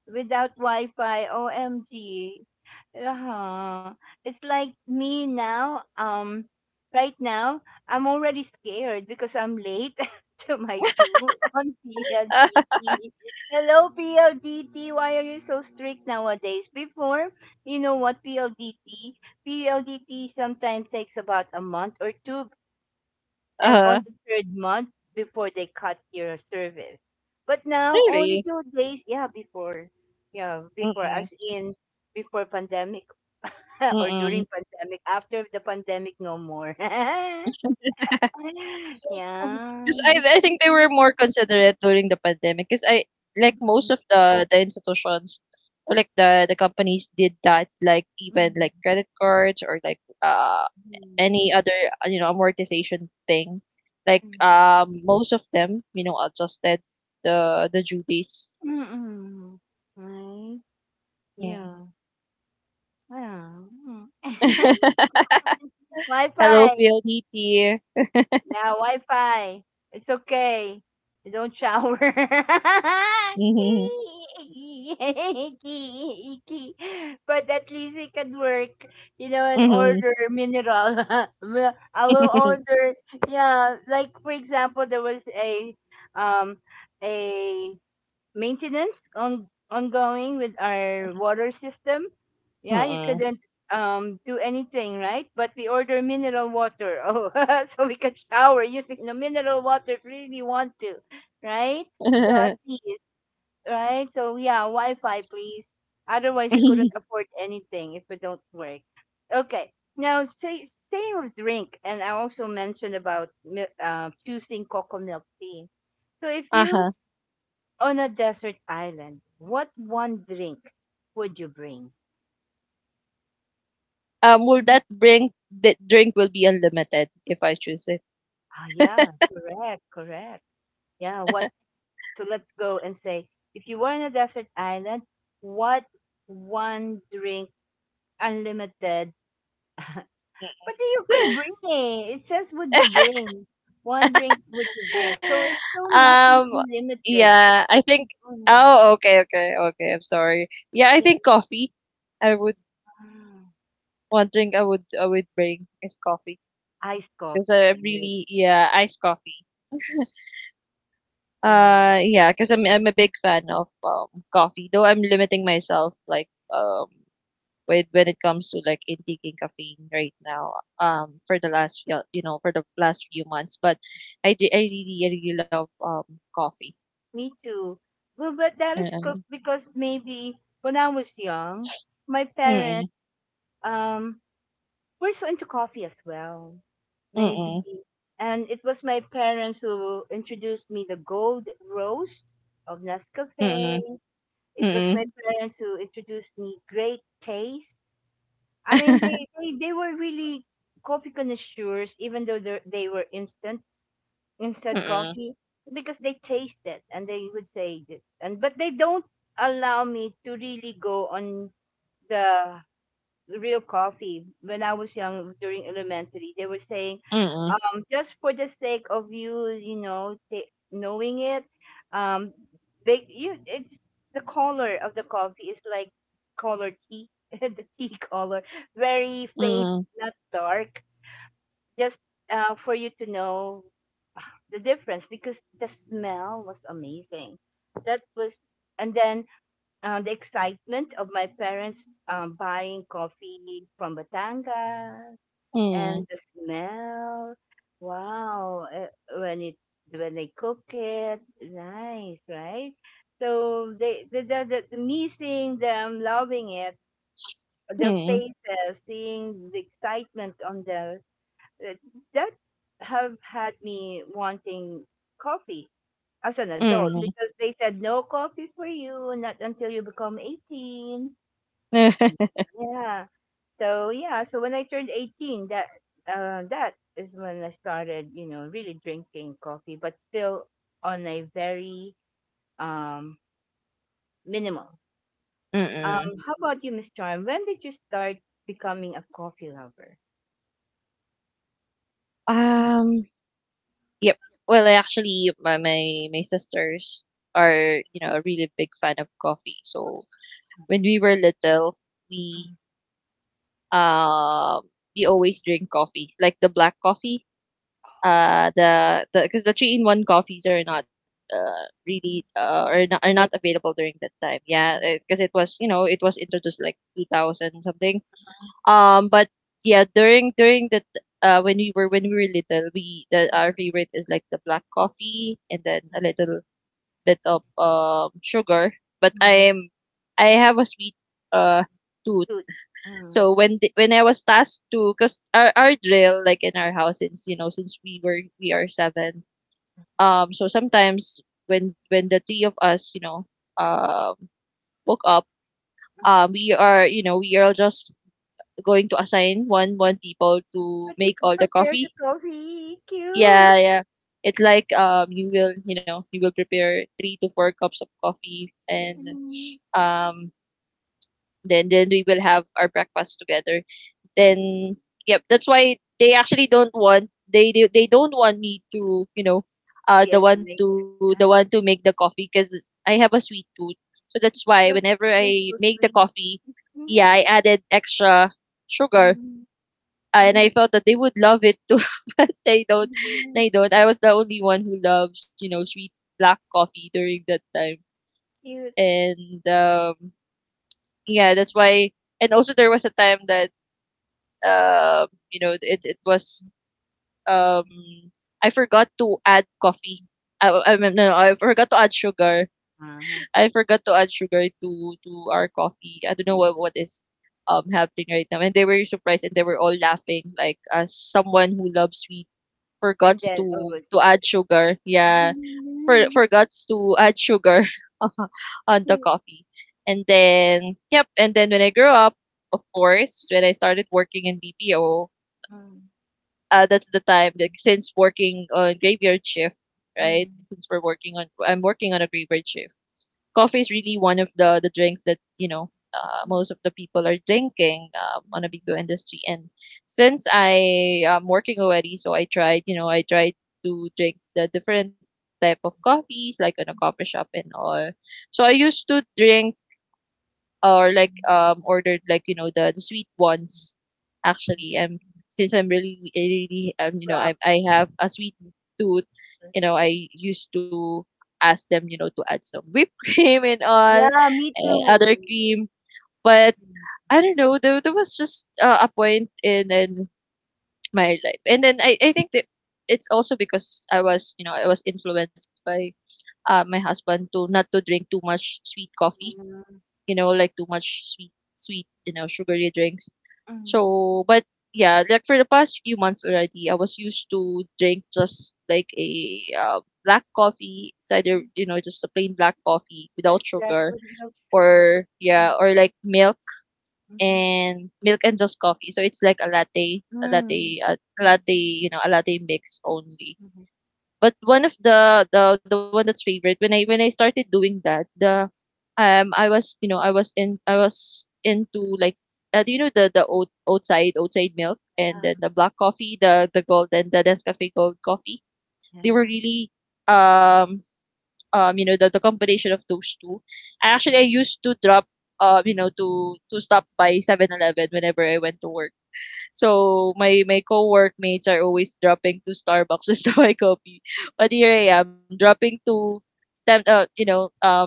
S1: without Wi-Fi. OMG. Uh-huh. It's like me now. Right now, I'm already scared because I'm late to my due on PLDT. Hello, PLDT. Why are you so strict nowadays? Before, you know what, PLDT? PLDT sometimes takes about a month or two, and on the third month before they cut your service. But now only
S2: Really?
S1: 2 days. Yeah, before, yeah, before
S2: Mm.
S1: as in before pandemic or
S2: Mm.
S1: during pandemic. After the pandemic, no more. Yeah.
S2: Because I think they were more considerate during the pandemic. Because I, like, most of the institutions, or like the companies did that, like, even like credit cards, or like, any other, you know, amortization thing. Like, most of them, you know, adjusted the due dates.
S1: Mm-mm. Right?
S2: Mm.
S1: Yeah. Yeah.
S2: Hello,
S1: Wi-Fi.
S2: PLDT.
S1: Yeah, Wi-Fi. It's okay. You don't shower.
S2: Mm-hmm.
S1: But at least we can work, and
S2: Mm-hmm.
S1: order mineral. Well, I will order, yeah, like, for example, there was a um a maintenance on ongoing with our water system. Yeah, you
S2: Mm-hmm.
S1: couldn't do anything, right? But we order mineral water. Oh, so we can shower using the mineral water if we really want to, right? So at least, right? So yeah, Wi-Fi, please. Otherwise, we couldn't afford anything if it don't work. Okay. Now, say, staying with drink, and I also mentioned about choosing cocoa milk tea. So if you
S2: Uh-huh.
S1: on a desert island, what one drink would you bring?
S2: Will
S1: Mhm.
S2: that bring the drink will be unlimited if I choose it?
S1: Ah, yeah, correct, correct. Yeah, what? So let's go and say, if you were on a desert island, what one drink unlimited? But you could bring it. It says, would you bring one drink? Would you bring? So it's so not
S2: um,
S1: unlimited.
S2: yeah,
S1: So,
S2: I think.
S1: oh, yeah,
S2: Oh, okay, okay, okay. I'm sorry. Yeah, I
S1: yeah.
S2: think coffee. I would one drink I would bring is coffee
S1: Iced
S2: because I
S1: coffee, right?
S2: really, yeah, iced coffee.
S1: Yeah.
S2: Yeah, because I'm a big fan of coffee, though I'm limiting myself like um with when it comes to like intaking caffeine right now for the last few you know for the last few months, but I really love coffee.
S1: Me too. Well, but that is
S2: Mm-mm.
S1: cooked because maybe when I was young, my
S2: Mm-mm.
S1: parents um were so into coffee as well. Maybe.
S2: Mm-mm.
S1: And it was my parents who introduced me the gold roast of Nescafe. It was
S2: Mm-mm.
S1: my
S2: Mm-mm.
S1: parents who introduced me great taste. I mean, they were really coffee connoisseurs, even though they were instant
S2: Mm-mm.
S1: coffee because they taste it, and they would say this, and but they don't allow me to really go on the real coffee. When I was young, during elementary, they were saying,
S2: Mm-mm.
S1: just for the sake of knowing it. Um they you It's the color of the coffee, is like color tea, the tea color, very faint, not dark, just, for you to know the difference because the smell was amazing. That was, and then, the excitement of my parents buying coffee from Batangas,
S2: Mm-mm.
S1: and the smell. Wow, when it when they cook it, nice, right? So they the me seeing them loving it, their
S2: Mm-mm.
S1: faces, seeing the excitement on the uh, that have had me wanting coffee as an adult. Mhm.
S2: Mm-mm.
S1: Because they said no coffee for you, not until you become 18. Yeah, so when I turned 18, that is when I started, you know, really drinking coffee, but still on a very um minimal.
S2: Mm-mm.
S1: How about you, Miss Charm? When did you start becoming a coffee lover? Mm.
S2: Um, Yep. Well, my my sisters are you know a really big fan of coffee. So when we were little, we
S1: Mm,
S2: um we always drink coffee, like the black coffee. The because the three in one coffees are not really are not
S1: okay.
S2: available during that time. Yeah, because it was you know it was introduced like 2000 something but yeah, when we were little, we the our favorite is like the black coffee and then
S1: Mm,
S2: a little bit of sugar. But I
S1: mm.
S2: am I have a sweet uh tooth.
S1: Cute. Mm,
S2: So when I was tasked to, cause our drill like in our house since you know since we are seven. So sometimes when the three of us um woke up
S1: mhm.
S2: we are you know we are just going to assign one people to
S1: But you
S2: make
S1: can
S2: all the
S1: prepare the
S2: coffee.
S1: coffee. Cute.
S2: Yeah, yeah. It's like you will you know you will prepare three to four cups of coffee and
S1: Mhm.
S2: um then we will have our breakfast together. Then yep, that's why they actually don't want they don't want me to you know
S1: Yes, to make.
S2: the one to
S1: Ah.
S2: make the coffee because I have a sweet tooth. So that's why whenever
S1: Because
S2: I
S1: tastes so
S2: make the
S1: sweet.
S2: coffee, yeah, I
S1: Mhm,
S2: added extra sugar,
S1: mhm.
S2: and I
S1: Mhm,
S2: thought that they would love it too, but they don't.
S1: mhm, mhm.
S2: They don't. I was the only one who loves, you know, sweet black coffee during that time.
S1: Cute.
S2: And yeah, that's why. And also, there was a time that you know, it was um, I forgot to add coffee. No, I forgot to add sugar.
S1: Uh-huh.
S2: I forgot to add sugar to our coffee. I don't know what is happening right now. And they were surprised and they were all laughing, like as someone who loves sweet for
S1: And
S2: gods
S1: then always.
S2: to add sugar. Yeah, for gods to add sugar on the
S1: Cute.
S2: coffee. And then, yep. And then when I grew up, of course, when I started working in BPO,
S1: Mm,
S2: that's the time like since working on graveyard shift, right?
S1: mm,
S2: Since we're working on, I'm working on a graveyard shift. Coffee is really one of the drinks that you know
S1: mm,
S2: most of the people are drinking on a
S1: mm,
S2: BPO industry. And since I am working already, so I tried, you know, I tried to drink the different type of coffees like in a coffee shop and all. So I used to drink or
S1: mm.
S2: ordered like you know the sweet ones actually I'm since I'm really really you know
S1: Prop.
S2: I have a sweet
S1: Mhm.
S2: tooth, you know, I used to ask them you know to add some whipped cream and all
S1: Yeah, me
S2: and other
S1: too.
S2: cream, but
S1: Mm.
S2: I don't know, there was just a point in my life, and then I think that it's also because I was influenced by my husband to not to drink too much sweet coffee,
S1: Mm.
S2: you know, like too much sweet, you know, sugary drinks.
S1: Mm,
S2: So, but yeah, like for the past few months already, I was used to drink just like a black coffee. It's either
S1: mm.
S2: you know just a plain black coffee
S1: That's
S2: without
S1: just
S2: sugar,
S1: without sugar.
S2: or
S1: Mm,
S2: yeah, or like milk
S1: mhm.
S2: and milk and just coffee. So it's like a latte, a
S1: Mm,
S2: latte, a
S1: mm,
S2: latte, you know, a latte mix only.
S1: mhm.
S2: But one of the one that's favorite when I started doing that, the I was you know I was into like do you know the oat outside outside milk and then the black coffee the gold and the Nescafe Gold coffee, they were
S1: Yeah.
S2: really um you know the combination of those two. I used to drop to stop by 7-Eleven whenever I went to work, so my co-workmates are always dropping to Starbucks just to buy coffee, but here I am dropping to stem you know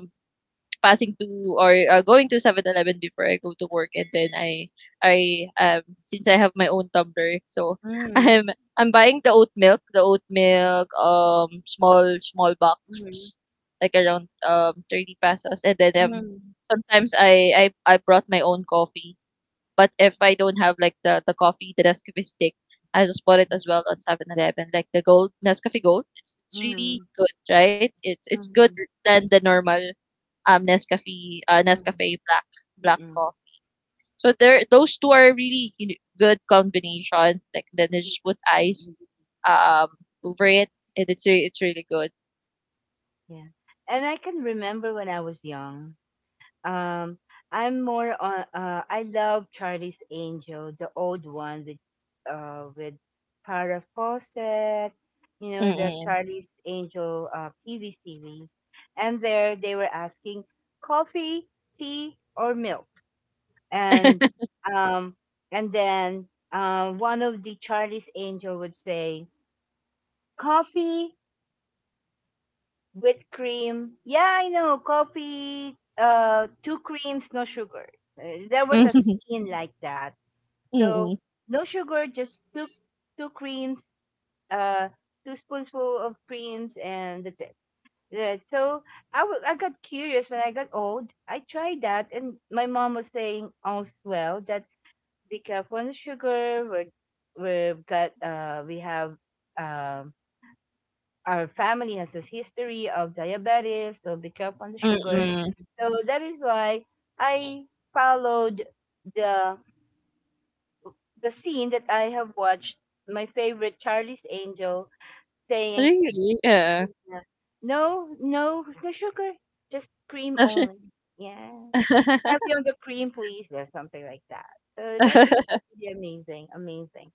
S2: passing to or going to 7-Eleven before I go to work, and then I since I have my own tumbler, so
S1: Mm,
S2: I'm I'm buying the oat milk, small small
S1: mhm,
S2: box, like around 30 pesos, and then um
S1: mm,
S2: sometimes I I I brought my own coffee. But if I don't have like the coffee, the Nescafe stick, I just bought it
S1: mhm,
S2: as well on 7-Eleven. Like the gold Nescafe Gold, it's
S1: mhm,
S2: really good, right? It's good
S1: mm,
S2: than the normal Nescafe Nescafe black
S1: mm,
S2: coffee. So there, those two are really you know, good combination. Like then they just put ice
S1: mm.
S2: um over it, and it's really good.
S1: Yeah. And I can remember when I was young. Um, I'm more on. I love Charlie's Angel, the old one with, uh, with Farrah Fawcett. You know the
S2: Mm-mm.
S1: Charlie's Angel TV series, and there they were asking coffee, tea, or milk. And um and then one of the Charlie's Angel would say coffee with cream. Yeah, I know coffee. Two creams, no sugar. There was a
S2: Mm-mm.
S1: scene like that. So
S2: Mm-mm.
S1: no sugar, just two creams, uh, two spoonsful of creams, and that's it. Right. So I got curious when I got old. I tried that, and my mom was saying also well that the Capuan sugar. We've got we have um, our family has a history of diabetes, so the Capuan sugar.
S2: Mm-mm.
S1: So that is why I followed the the scene that I have watched. My favorite Charlie's Angel saying,
S2: Really? Yeah.
S1: "No, no, no sugar, just cream only." Yeah, heavy on the cream, please, or something like that. So that was really amazing, amazing.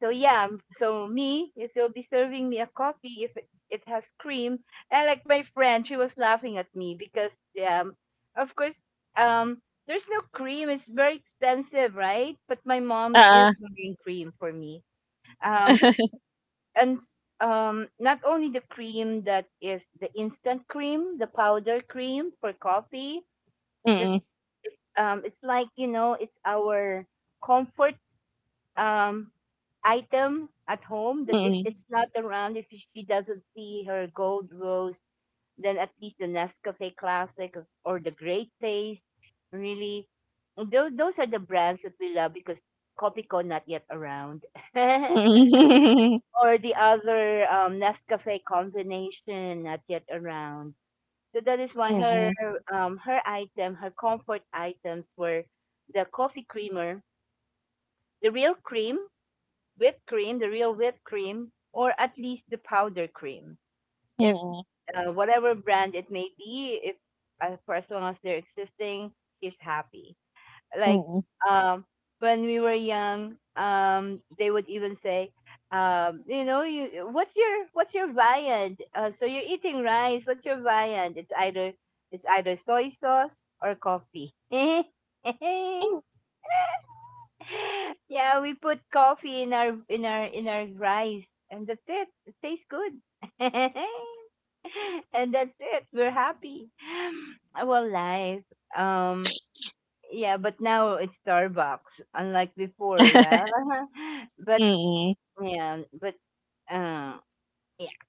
S1: So yeah, so me, if you'll be serving me a coffee, if it has cream, and like my friend, she was laughing at me because um, of course, um, there's no cream. It's very expensive, right? But my mom
S2: Uh,
S1: is buying cream for me. Um, not only the cream that is the instant cream, the powder cream for coffee. That's
S2: Mm,
S1: it's like, you know, it's our comfort um, item at home that if
S2: mm,
S1: it's not around, if she doesn't see her gold rose, then at least the Nescafe Classic or the Great Taste, really, those are the brands that we love because Copico not yet around,
S2: mm,
S1: or the other Nescafe combination not yet around. So that is why
S2: mm,
S1: her
S2: mm,
S1: her item, her comfort items were the coffee creamer, the real cream whipped cream, the real whipped cream, or at least the powder cream.
S2: mm,
S1: If
S2: mm.
S1: whatever brand it may be, if for as long as they're existing, he's happy. Like
S2: Mm
S1: um, when we were young, they would even say, you know, you what's your viand? So you're eating rice. What's your viand? It's either soy sauce or coffee.
S2: mm
S1: Yeah, we put coffee in our rice, and that's it. It tastes good, and that's it. We're happy. Well, life. Um, yeah, but now it's Starbucks, unlike before.
S2: mm.
S1: Yeah, but yeah, but uh, yeah,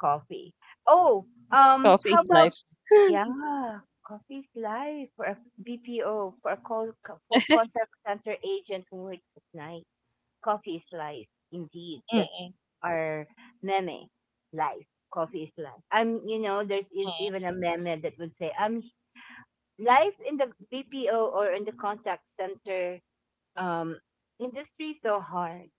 S1: coffee. Oh,
S2: Coffee
S1: how
S2: is
S1: about
S2: life.
S1: yeah, coffee's life for a BPO, for a call, for contact center agent who works at night. Coffee is life. Indeed. That's
S2: Mm,
S1: our meme. Life. Coffee is life. I'm, you know, there's is even a meme that would say, I'm life in the BPO or in the contact center um, industry is so hard.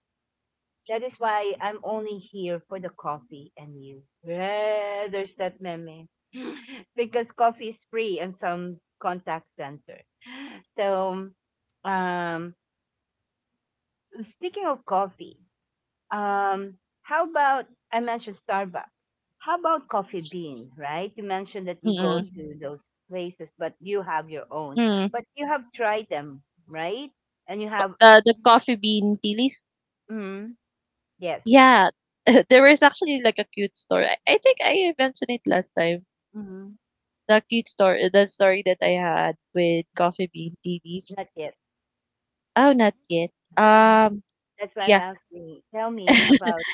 S1: That is why I'm only here for the coffee and you. Yeah, there's that meme. Because coffee is free in some contact center. So, um, speaking of coffee, Um, how about I mentioned Starbucks? How about Coffee Bean? Right? You mentioned that you go
S2: mm,
S1: to Mhm. those places, but you have your own.
S2: mm.
S1: But you have tried them, right? And you have,
S2: The coffee bean tea leaf.
S1: mm, yes,
S2: Yeah, there was actually like a cute story. I think I mentioned it last time.
S1: mm,
S2: The cute story, the story that I had with coffee bean tea leaf.
S1: not yet.
S2: Oh, not yet.
S1: Uh-uh.
S2: Um,
S1: That's why I'm
S2: yeah,
S1: asking. Tell me about.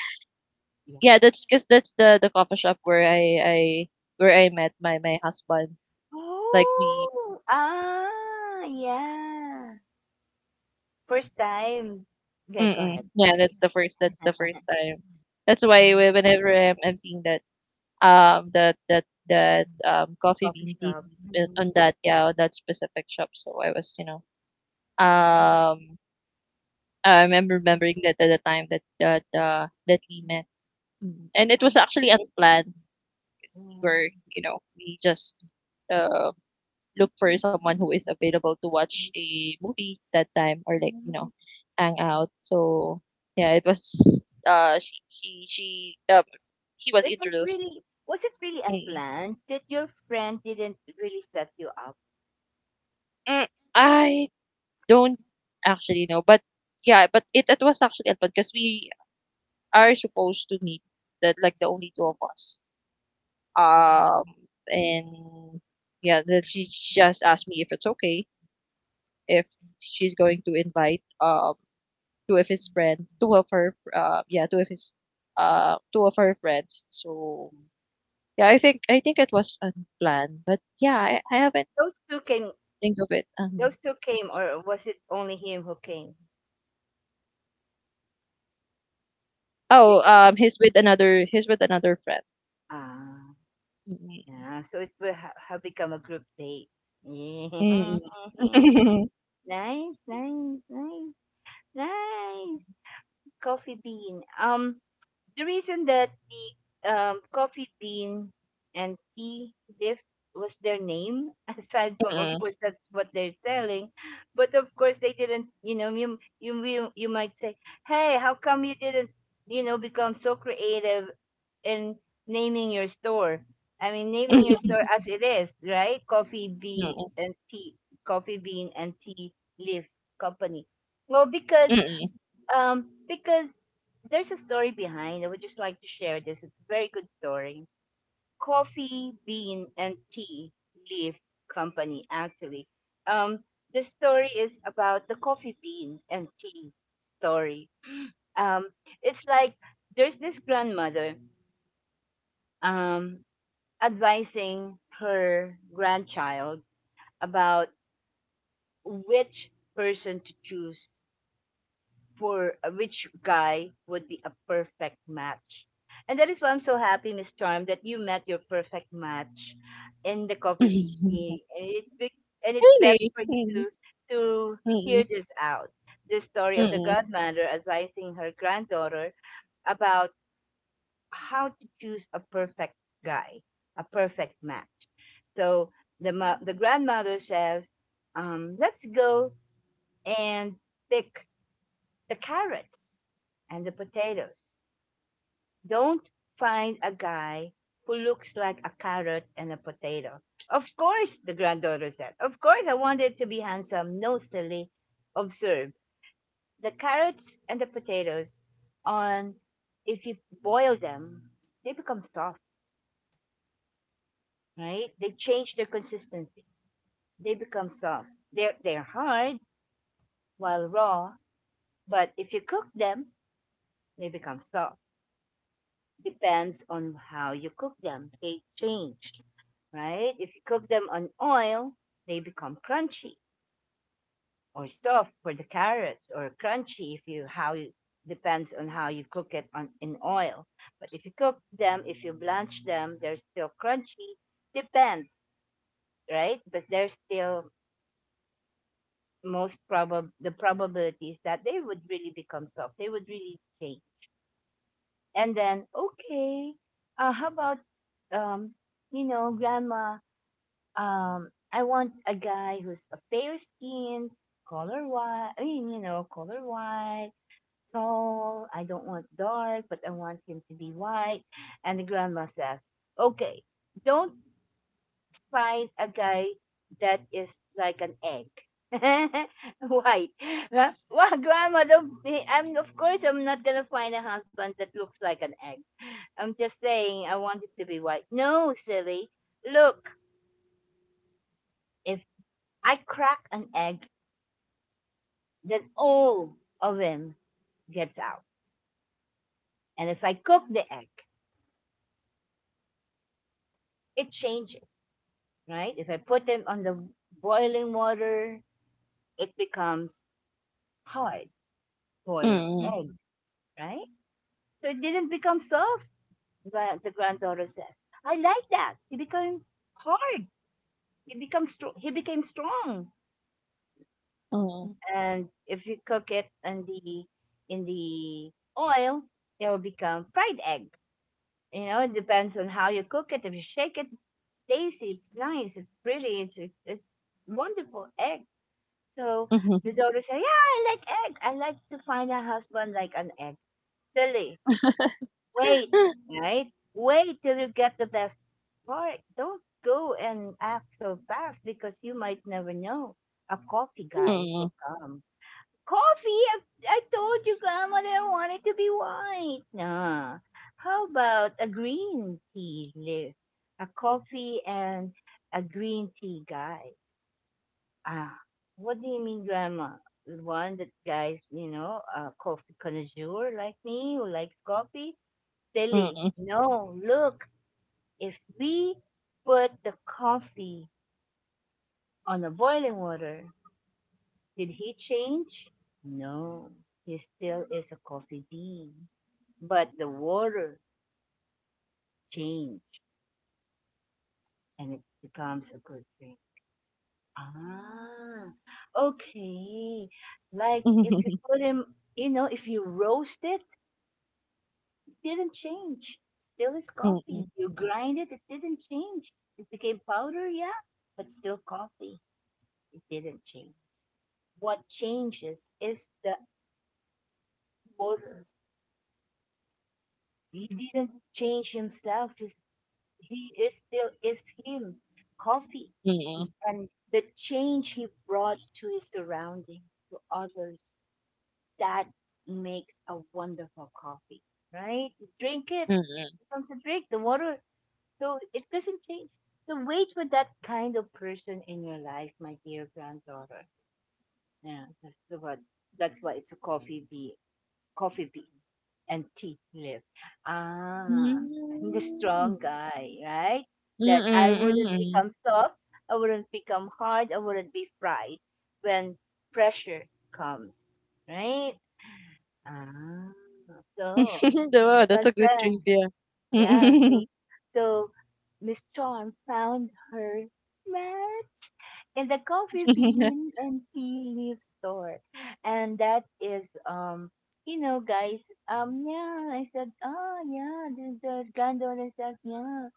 S1: Yeah.
S2: yeah. That's because that's the coffee shop where I where I met my my husband. Like we
S1: Oh, ah, yeah. First time. Yeah, go
S2: Mm.
S1: ahead.
S2: Yeah,
S1: Sorry.
S2: that's the first time. That's why
S1: Um,
S2: whenever I'm seeing that, coffee
S1: coffee
S2: bean tea
S1: shop.
S2: leaf
S1: Mm.
S2: on that, yeah, on that specific shop. So I was, you know, um, I remember remembering that at the time that we met. Mm. And it was actually unplanned because we were, you know, we just, uh, look for someone who is available to watch a movie that time, or like, you know, hang out. So yeah, it was she he was
S1: It was
S2: introduced.
S1: really, was it really
S2: Mm,
S1: unplanned, that your friend didn't really set you up?
S2: mm, I don't actually know, but yeah, but it was actually fun because we are supposed to meet that like the only two of us. Um and yeah, that she just asked me if it's okay if she's going to invite two of his friends, two of her, yeah, two of his, two of her friends. So
S1: Mhm.
S2: yeah, I think it was unplanned, but yeah, I haven't
S1: Those two came,
S2: think of it.
S1: those two came, or was it only him who came? Is.
S2: Oh, he's with another friend.
S1: Ah,
S2: Mm,
S1: yeah. So it will ha- have become a group date.
S2: mm,
S1: Yeah. Nice, nice, nice, nice. Coffee bean. The reason that the coffee bean and tea leaf was their name, aside from, of
S2: mm.
S1: course, that's what they're selling. But of course, they didn't, you know, you might say, hey, how come you didn't, you know, become so creative in naming your store? I mean, naming your store as it is, right?
S2: Mm,
S1: Coffee bean and tea leaf company. Well,
S2: mm, mm, mm.
S1: because there's a story behind. I would just like to share this. It's a very good story. Coffee Bean and Tea Leaf Company, actually. Um, the story is about the coffee bean and tea story. Um, it's like there's this grandmother um, advising her grandchild about which person to choose for which guy would be a perfect match. And that is why I'm so happy, Miss Charm, that you met your perfect match in the coffee
S2: Mm.
S1: meeting. And it's best
S2: Really?
S1: for you
S2: Mm,
S1: to to
S2: mm,
S1: hear this out. The story of the
S2: mm,
S1: godmother advising her granddaughter about how to choose a perfect guy, a perfect match. So the grandmother says, "Let's go and pick the carrot." And the potatoes. Don't find a guy who looks like a carrot and a potato. Of course, the granddaughter said. Of course, I wanted to be handsome. No, silly. Observe the carrots and the potatoes on, if you boil them, they become soft, right? They change their consistency. They become soft. They're hard while raw, but if you cook them, they become soft. Depends on how you cook them. They change, right? If you cook them on oil, they become crunchy or soft for the carrots, or crunchy if you how you depends on how you cook it on in oil. But if you cook them, if you blanch them, they're still crunchy. Depends, right? But they're still most probable the probabilities that they would really become soft. They would really change. And then okay, how about um, you know, grandma, I want a guy who's a fair skin, color white. I mean, you know, color white, tall. I don't want dark, but I want him to be white. And the grandma says, "Okay, don't find a guy that is like an egg." White. Huh? Well grandma, don't be- I'm of course I'm not gonna find a husband that looks like an egg. I'm just saying I want it to be white. No silly, look, if I crack an egg then all of them gets out. And if I cook the egg, it changes, right? If I put them on the boiling water, it becomes hard boiled egg.
S2: mm,
S1: Mm-hmm. Right? So it didn't become soft, the granddaughter says. I like that. He became hard. He became strong. He became strong.
S2: mm,
S1: And if you cook it in the oil, it will become fried egg. You know, it depends on how you cook it. If you shake it, tasty, it's nice, it's pretty, it's wonderful egg. So
S2: mm.
S1: the daughter said, "Yeah, I like egg. I like to find a husband like an egg." Silly. Wait, right? Wait till you get the best part. Don't go and act so fast because you might never know. A coffee guy
S2: Mm,
S1: will come. Coffee? I told you, Grandma, that I wanted to be white. Nah. How about a green tea, Liv? A coffee and a green tea guy. Ah, what do you mean, Grandma? The One that guys, you know, a coffee connoisseur like me who likes coffee?
S2: mm,
S1: Silly.
S2: mm,
S1: No, look, if we put the coffee on the boiling water, did he change? No, he still is a coffee bean. But the water changed and it becomes a good drink. Ah, okay. Like if you put him, you know, if you roast it, it didn't change. Still is
S2: mm, mm,
S1: coffee. You grind it, it didn't change. It became powder, yeah, but still coffee. It didn't change. What changes is the water. He didn't change himself. He is still is him, coffee,
S2: mm, mm,
S1: Mm. and the change he brought to his surroundings, to others, that makes a wonderful coffee, right? You drink it, it
S2: mm.
S1: becomes a drink, the water, so it doesn't change. So wait for that kind of person in your life, my dear granddaughter. Yeah, that's what. That's why it's a coffee bean and tea leaf. Ah, I'm the
S2: Mm.
S1: strong guy, right?
S2: Mm,
S1: That
S2: mm
S1: I
S2: mm
S1: wouldn't
S2: mm.
S1: become soft, I wouldn't become hard, I wouldn't be fried when pressure comes, right? Ah,
S2: Ba,
S1: so
S2: that's
S1: when
S2: a good
S1: pre-
S2: trivia.
S1: yeah, so so Miss John found her man in the coffee bean and tea leaf store. And that is, guys, yeah, I said, oh, yeah, the granddaughter said, yeah,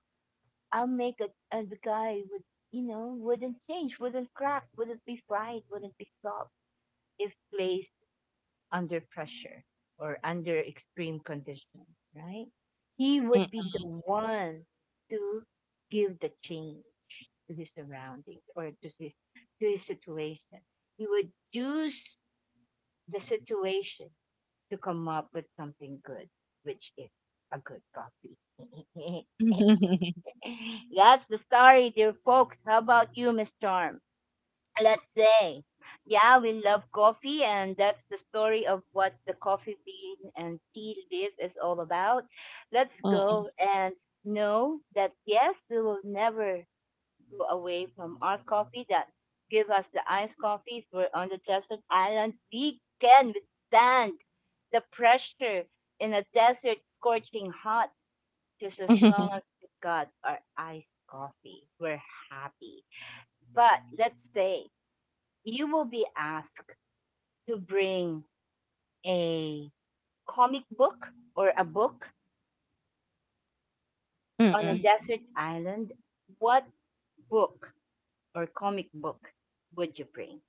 S1: I'll make a the guy would, you know, wouldn't change, wouldn't crack, wouldn't be fried, wouldn't be soft if placed under pressure or under extreme conditions, right? He
S2: Mm.
S1: would
S2: Mm.
S1: be the one to give the change to his surroundings or to his situation. He would use the situation to come up with something good, which is a good coffee.
S2: Mm.
S1: That's the story, dear folks. How about you, Miss Charm? Let's say, yeah, we love coffee, and that's the story of what the coffee bean and tea leaf is all about. Let's
S2: Mm.
S1: go and know that yes, we will never go away from our coffee that give us the iced coffee if we're on the desert island. We can withstand the pressure in a desert scorching hot just as long as we got our iced coffee. We're happy. But let's say you will be asked to bring a comic book or a book
S2: Mm
S1: on a
S2: mm
S1: desert island. What book or comic book would you bring?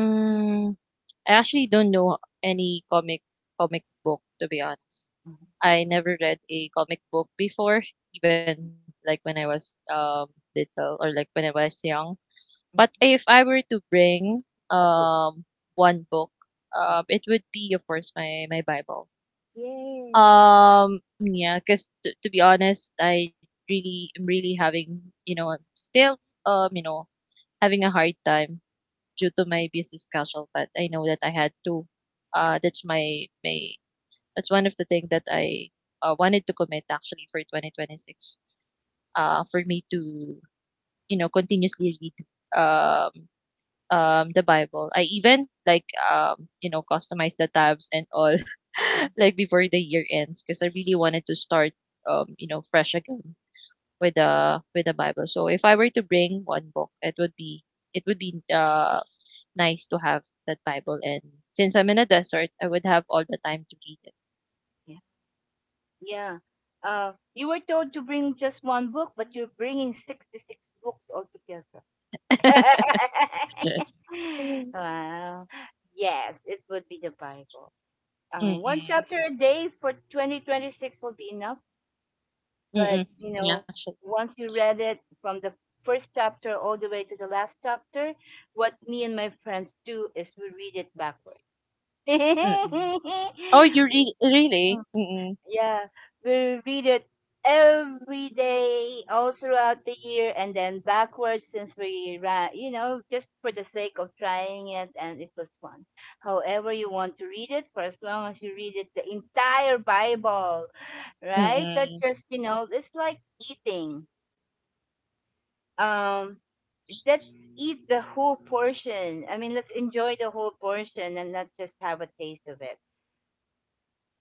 S2: mm. I actually don't know any comic book, to be honest.
S1: Mhm.
S2: I never read a comic book before, even, like, when I was, little or, like, when I was young. But if I were to bring,
S1: A book.
S2: um, one book, it would be, of course, my Bible.
S1: Yay.
S2: Yeah, because to be honest, I really am really having, you know, I'm still, you know, having a hard time due to my busy schedule. But I know that I had to. That's my my. That's one of the things that I wanted to commit actually for 2026. For me to you know continuously read. Um, the Bible. I even like you know customize the tabs and all
S1: Mhm.
S2: like before the year ends because I really wanted to start you know fresh again with the Bible. So if I were to bring one book, it would be it would be uh nice to have that Bible, and since I'm in a desert, I would have all the time to read it.
S1: Yeah. Yeah. You were told to bring just one book, but you're bringing 66 books altogether.
S2: Mm.
S1: Wow. Yes, it would be the Bible. One
S2: Mm-mm.
S1: chapter a day for 2026 will be enough. But,
S2: Mm-mm.
S1: you
S2: Yeah,
S1: know,
S2: actually.
S1: once you read it from the first chapter all the way to the last chapter, what me and my friends do is we read it backwards.
S2: Mm-mm. Oh, you re really? Mm-mm.
S1: Yeah, we read it every day, all throughout the year, and then backwards since we ran, you know, just for the sake of trying it, and it was fun. However, you want to read it, for as long as you read it, the entire Bible, right? That's
S2: Mm-mm.
S1: just, you know, it's like eating. Um, let's eat the whole portion. I mean, let's enjoy the whole portion and not just have a taste of it.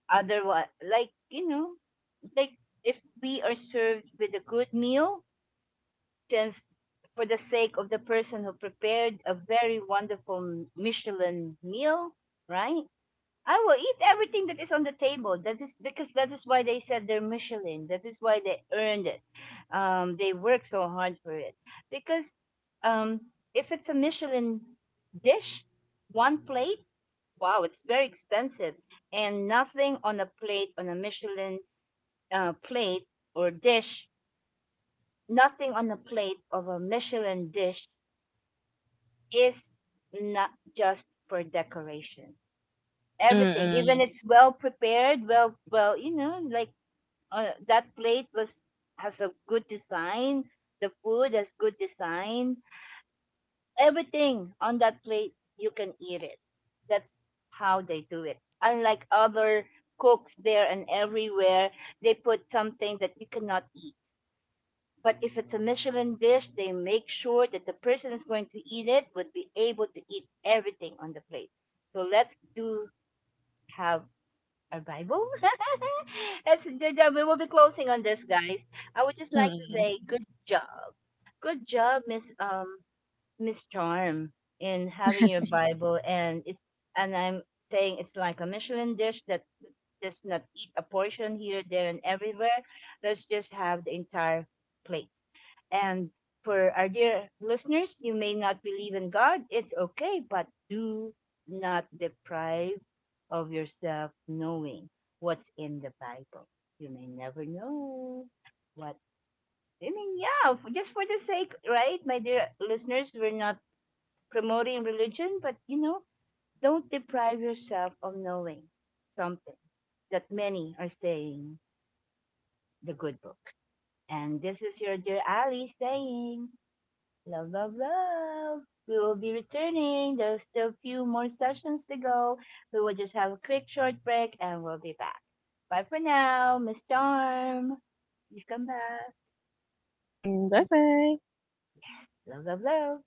S1: Otherwise, like, you know, like if we are served with a good meal, since for the sake of the person who prepared a very wonderful Michelin meal, right? I will eat everything that is on the table. That is because that is why they said they're Michelin. That is why they earned it. They work so hard for it. Because um, if it's a Michelin dish, one plate, wow, it's very expensive. And nothing on a plate, on a Michelin plate or dish, nothing on a plate of a Michelin dish is not just for decoration. Everything even
S2: Mm-mm.
S1: it's well prepared well, you know, like that plate was has a good design, the food has good design, everything on that plate you can eat it. That's how they do it, unlike other cooks there and everywhere, they put something that you cannot eat. But if it's a Michelin dish, they make sure that the person is going to eat it would be able to eat everything on the plate. So let's do have arrival. We will be closing on this, guys. I would just like to
S2: Mm-mm.
S1: say good job, Miss Miss Charm, in having your Bible, and it's and I'm saying it's like a Michelin dish that let's just not eat a portion here, there, and everywhere. Let's just have the entire plate. And for our dear listeners, you may not believe in God. It's okay, but do not deprive of yourself knowing what's in the Bible. You may never know what. I mean, yeah, just for the sake, right, my dear listeners, we're not promoting religion, but you know, don't deprive yourself of knowing something that many are saying the good book. And this is your dear Ali saying, love, love, love. We will be returning. There's still a few more sessions to go. We will just have a quick short break and we'll be back. Bye for now, Miss Charm. Please come back.
S2: Bye bye.
S1: Yes. Love, love, love.